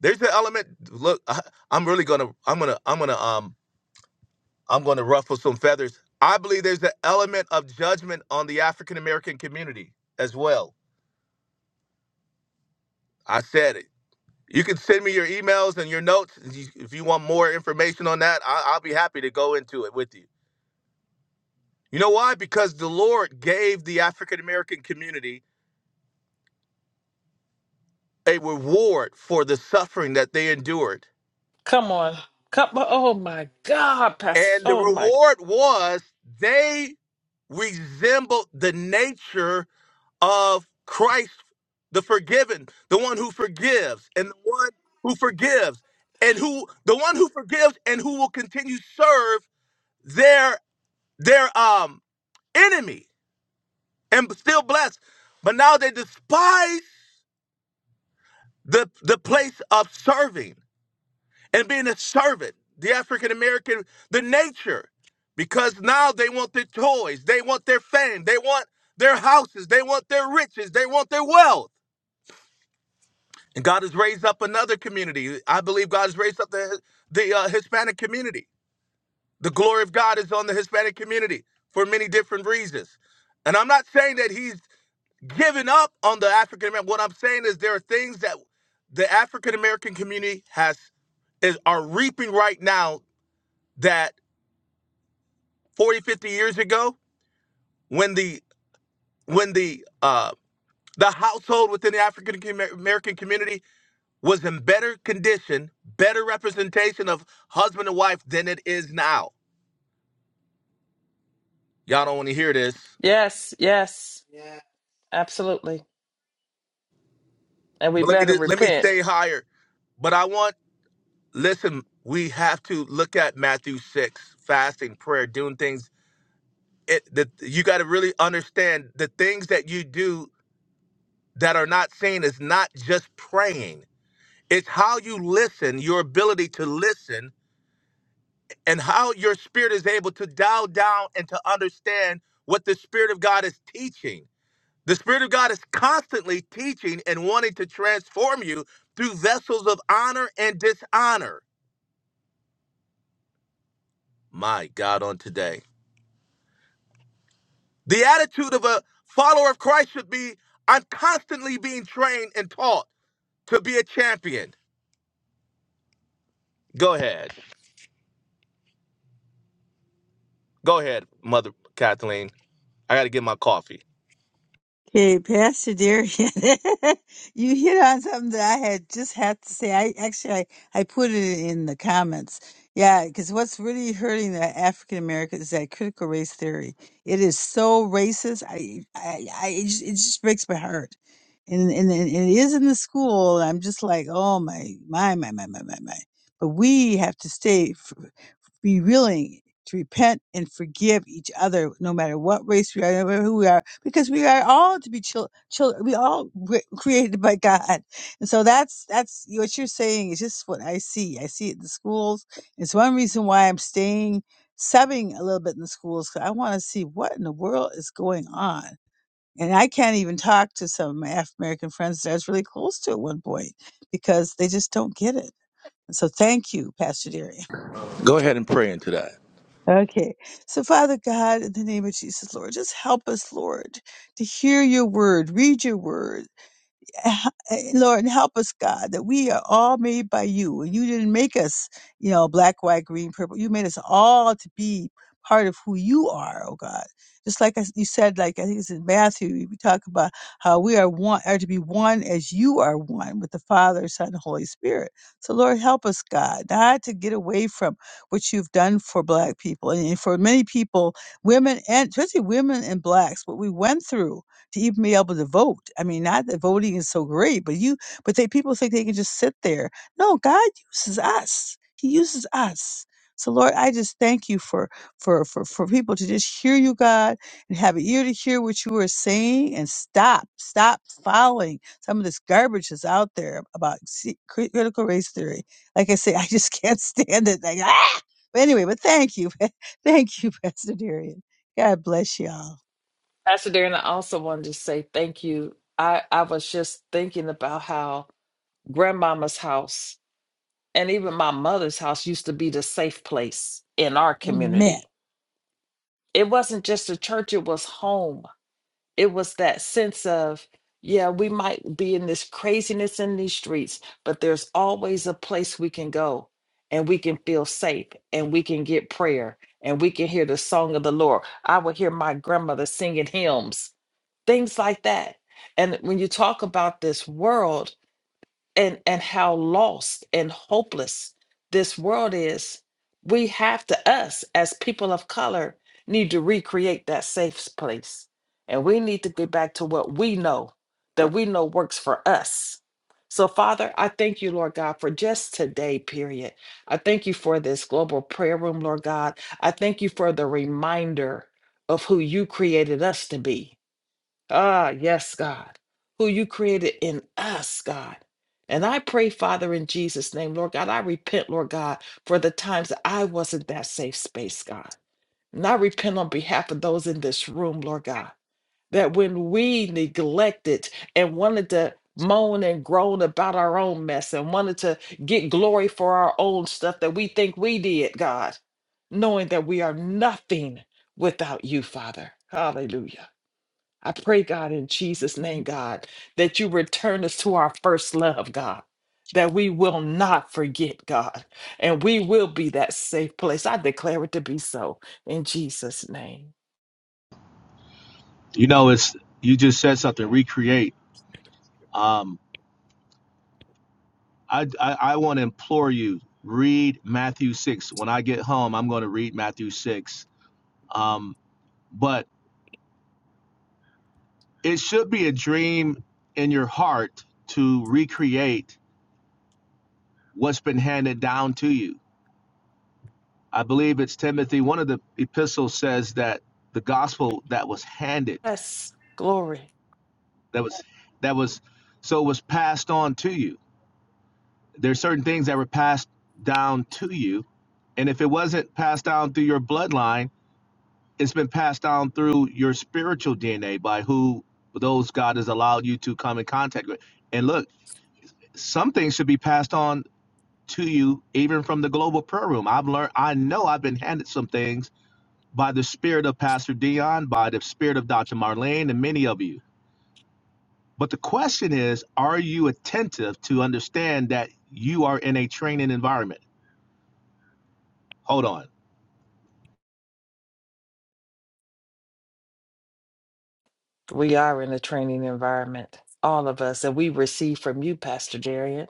Speaker 8: There's an element. Look, I, I'm really gonna, I'm gonna, I'm gonna, um, I'm gonna ruffle some feathers. I believe there's an element of judgment on the African American community as well. I said it. You can send me those and your notes if you if you want more information on that. I, I'll be happy to go into it with you. You know why? Because the Lord gave the African American community a reward for the suffering that they endured
Speaker 9: Come on. Come on. Oh my God, Pastor.
Speaker 8: And the
Speaker 9: Oh my.
Speaker 8: reward was they resembled the nature of Christ, the forgiven, the one who forgives, and the one who forgives, and who the one who forgives and who will continue to serve their their um enemy and still blessed. But now they despise the the place of serving and being a servant, the African American, the nature. Because now they want their toys, they want their fame, they want their houses, they want their riches, they want their wealth. And God has raised up another community. I believe God has raised up the, the uh, Hispanic community. The glory of God is on the Hispanic community for many different reasons. And I'm not saying that He's given up on the African American. What I'm saying is there are things that the African American community has is are reaping right now that 40, 50 years ago when the when the uh, The household within the African com- American community was in better condition, better representation of husband and wife than it is now. Y'all don't want to hear this,
Speaker 9: Yes, yes. Absolutely. And we
Speaker 8: but let me
Speaker 9: better
Speaker 8: let me
Speaker 9: repent.
Speaker 8: stay higher. But I want listen. We have to look at Matthew six, fasting, prayer, doing things. It that you got to really understand the things that you do that are not seen is not just praying. It's how you listen, your ability to listen and how your spirit is able to dial down and to understand what the Spirit of God is teaching. The Spirit of God is constantly teaching and wanting to transform you through vessels of honor and dishonor. My God, on today. The attitude of a follower of Christ should be I'm constantly being trained and taught to be a champion. Go ahead. Go ahead, Mother Kathleen. I got to get my coffee.
Speaker 10: Okay, Pastor Darian, <laughs> you hit on something that I had just have to say. I actually I, I put it in the comments. Yeah, because what's really hurting the African Americans is that critical race theory. It is so racist. I, I, I it, just, it just breaks my heart. And, and and it is in the school. I'm just like, oh my, my, my, my, my, my, my. But we have to stay be willing to repent and forgive each other, no matter what race we are, no matter who we are, because we are all to be children. Chil- chil- we all were created by God, and so that's that's what you're saying is just what I see. I see it in the schools. It's one reason why I'm staying subbing a little bit in the schools because I want to see what in the world is going on. And I can't even talk to some of my African American friends that I was really close to at one point because they just don't get it. And so, thank you, Pastor Deering. Okay. So, Father God, in the name of Jesus, Lord, just help us, Lord, to hear your word, read your word, Lord, help us, God, that we are all made by you. And you didn't make us, you know, black, white, green, purple. You made us all to be part of who you are, oh God. Just like I, you said, like I think it's in Matthew, we talk about how we are one, are to be one as you are one with the Father, Son, and Holy Spirit. So Lord, help us, God, not to get away from what you've done for black people and for many people, women and especially women and blacks, what we went through to even be able to vote. I mean, not that voting is so great, but you, but they people think they can just sit there. No, God uses us. He uses us. So Lord, I just thank you for for for for people to just hear you, God, and have an ear to hear what you are saying, and stop, stop following some of this garbage that's out there about se- cri- critical race theory. Like I say, <laughs> I just can't <laughs> stand it. Like ah. But anyway, but thank you, <laughs> thank you, Pastor Darian. God bless y'all.
Speaker 9: Pastor Darren, I also wanted to say thank you. I, I was just thinking about how grandmama's house and even my mother's house used to be the safe place in our
Speaker 10: Amen.
Speaker 9: community it wasn't just a church, it was home. It was that sense of, yeah, we might be in this craziness in these streets, but there's always a place we can go and we can feel safe and we can get prayer and we can hear the song of the Lord. I would hear my grandmother singing hymns, things like that. And when you talk about this world, and and how lost and hopeless this world is we have to us as people of color need to recreate that safe s- place and we need to get back to what we know that we know works for us so father i thank you lord god for just today period i thank you for this global prayer room lord god i thank you for the reminder of who you created us to be Ah, yes, God, who you created in us, God. And I pray, Father, in Jesus' name, Lord God, I repent, Lord God, for the times that I wasn't that safe space, God. And I repent on behalf of those in this room, Lord God, that when we neglected and wanted to moan and groan about our own mess and wanted to get glory for our own stuff that we think we did, God, knowing that we are nothing without you, Father. Hallelujah. I pray, God, in Jesus' name,
Speaker 5: Mm.
Speaker 9: God, that you return us to our first love, God. That we will not forget, God, and we will be that safe place. I declare it to be so in Jesus' name.
Speaker 8: You know, it's you just said something. Recreate. Um, I, I, I want to implore you read Matthew 6. When I get home, I'm going to read Matthew 6. Um, but it should be a dream in your heart to recreate what's been handed down to you. I believe it's Timothy. One of the epistles says that the gospel that was handed,
Speaker 9: Yes, glory.
Speaker 8: that was, that was, so it was passed on to you. There's certain things that were passed down to you. And if it wasn't passed down through your bloodline, it's been passed down through your spiritual DNA by who those God has allowed you to come in contact with. And look, some things should be passed on to you even from the global prayer room. I've learned I know I've been handed some things by the spirit of Pastor Dion, by the spirit of Dr. Marlene and many of you. But the question is, are you attentive to understand that you are in a training environment? Hold on.
Speaker 9: We are in a training environment, all of us, and we receive from you, Pastor Darian.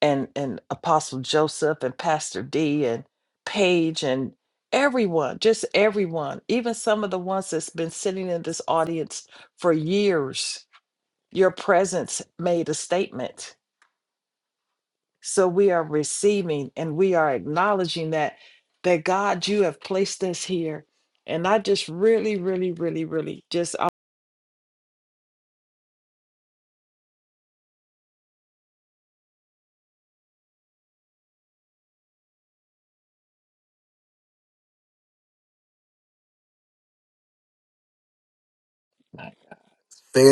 Speaker 9: and and Apostle Joseph and Pastor D and Paige and everyone, just everyone, even some of the ones that's been sitting in this audience for years. Your presence made a statement. So we are receiving and we are acknowledging that that God, you have placed us here. And I just really, really, really, really just I-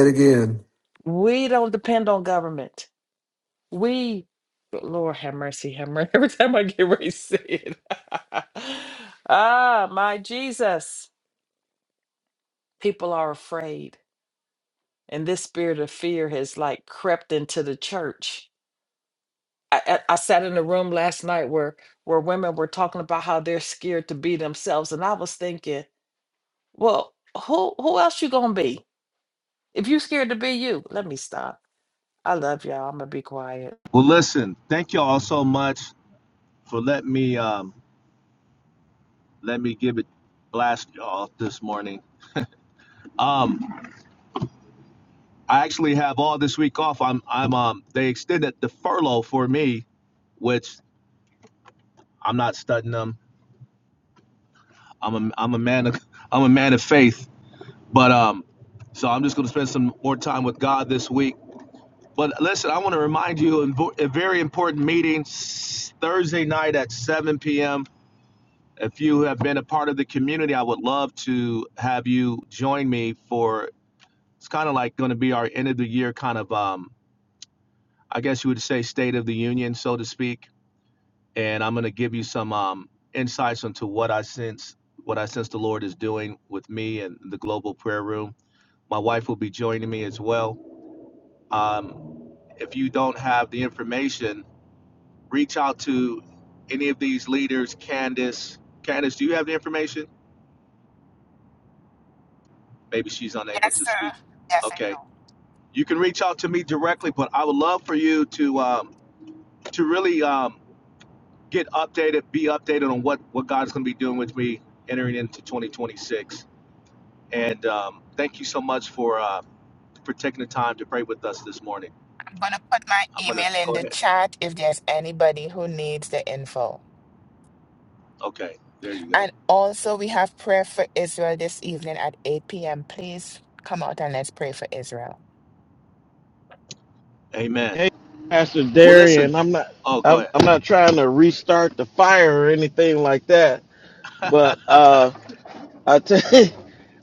Speaker 3: again.
Speaker 9: we don't depend on government We, but Lord have mercy, have mercy. <laughs> Every time I get ready to say it. <laughs> ah, my Jesus. People are afraid. And this spirit of fear has like crept into the church. I, I I sat in a room last night where where women were talking about how they're scared to be themselves. And I was thinking, well, who who else you gonna be? If you scared to be you, let me stop. I love y'all. I'm gonna be quiet.
Speaker 8: Well, listen, thank you all so much for letting me um, let me give it blast y'all this morning. Um, I actually have all this week off. I'm I'm um they extended the furlough for me, which I'm not studying them. I'm a I'm a man of <laughs> I'm a man of faith, but um, so I'm just gonna spend some more time with God this week. But listen, I want to remind you invo- a very important meeting Thursday night at 7 p.m. If you have been a part of the community, I would love to have you join me for It's kind of like going to be our end of the year kind of, um, I guess you would say, state of the union, so to speak. And I'm going to give you some um, insights into what I sense, what I sense the Lord is doing with me and the global prayer room. My wife will be joining me as well. Um, if you don't have the information, reach out to any of these leaders. Candace, Candace, do you have the information? Maybe she's unable
Speaker 5: Yes,
Speaker 8: to speak.
Speaker 5: sir. Yes, I
Speaker 8: Okay,
Speaker 5: do.
Speaker 8: you can reach out to me directly, but I would love for you to um, to really um, get updated, be updated on what what God's going to be doing with me entering into 2026. And um, thank you so much for uh, for taking the time to pray with us this morning.
Speaker 5: I'm going to put my
Speaker 8: I'm going to
Speaker 5: email in
Speaker 8: go
Speaker 5: the
Speaker 8: ahead.
Speaker 5: chat if there's anybody who needs the info.
Speaker 8: Okay, there you go.
Speaker 5: And also, we have prayer for Israel this evening at 8 p.m. Please come out and let's pray for Israel.
Speaker 8: Amen.
Speaker 6: Hey, Pastor
Speaker 8: Well, listen.
Speaker 6: Darian, I'm not
Speaker 8: Oh, go
Speaker 6: I'm I'm not trying to restart the fire or anything like that. But
Speaker 8: ahead. <laughs>
Speaker 6: uh I tell <laughs> you,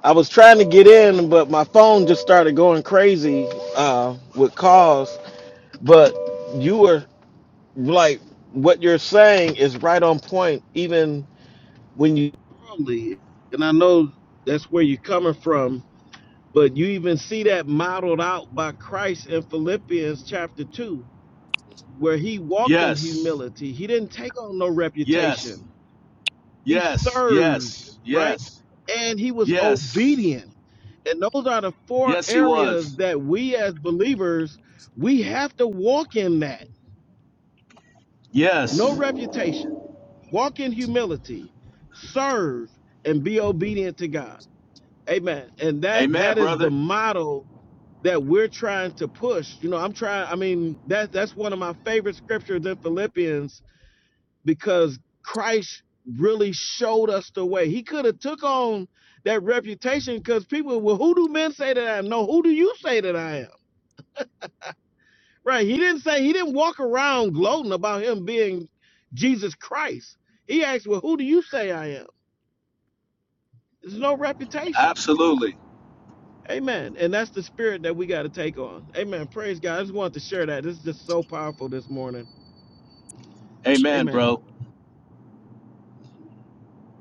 Speaker 6: I was trying to get in, but my phone just started going crazy uh with calls. But you were like what you're saying is right on point even when you Really, and i know that's where you're coming from but you even see that modeled out by christ in philippians chapter 2 where he walked in
Speaker 8: Yes,
Speaker 6: humility he didn't take on no
Speaker 8: yes,
Speaker 6: reputation he
Speaker 8: yes,
Speaker 6: served
Speaker 8: yes,
Speaker 6: right
Speaker 8: yes,
Speaker 6: and he was
Speaker 8: yes,
Speaker 6: obedient and those are the four
Speaker 8: yes. He
Speaker 6: areas
Speaker 8: was.
Speaker 6: that we as believers we have to walk in that no
Speaker 8: Yes.
Speaker 6: reputation Walk in humility, serve, and be obedient to God. Amen. And that
Speaker 8: Amen,
Speaker 6: that is the
Speaker 8: brother.
Speaker 6: model that we're trying to push. You know, I'm trying. I mean, that that's one of my favorite scriptures in Philippians because Christ really showed us the way. He could have took on that reputation because people, well, who do men say that I am? No, who do you say that I am? Right. He didn't say he didn't walk around gloating about him being Jesus Christ. He asked, well, who do you say I am? There's no reputation.
Speaker 8: Absolutely.
Speaker 6: Amen. And that's the spirit that we got to take on. Amen. Praise God. I just wanted to share that. This is just so powerful this morning.
Speaker 8: Amen,
Speaker 6: Amen.
Speaker 8: bro.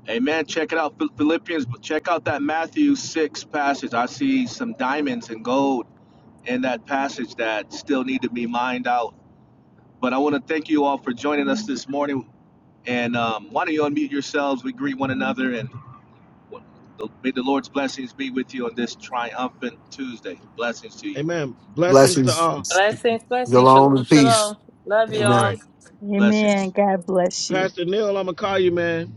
Speaker 8: Amen. Check it out, Philippians. But check out that Matthew six passage. I see some diamonds and gold in that passage that still need to be mined out. But I want to thank you all for joining us this morning. And um, why don't you unmute yourselves? We greet one another, and may the Lord's blessings be with you on this triumphant Tuesday. Blessings to you.
Speaker 6: Amen. Blessings to
Speaker 3: Blessings,
Speaker 6: all.
Speaker 9: Blessings, blessings. Shalom,
Speaker 3: shalom, and peace.
Speaker 9: shalom. Love
Speaker 8: All
Speaker 3: Amen.
Speaker 9: y'all.
Speaker 8: right,
Speaker 10: Amen.
Speaker 8: blessings.
Speaker 10: God bless you.
Speaker 6: Pastor Neil, I'm going to call you, man.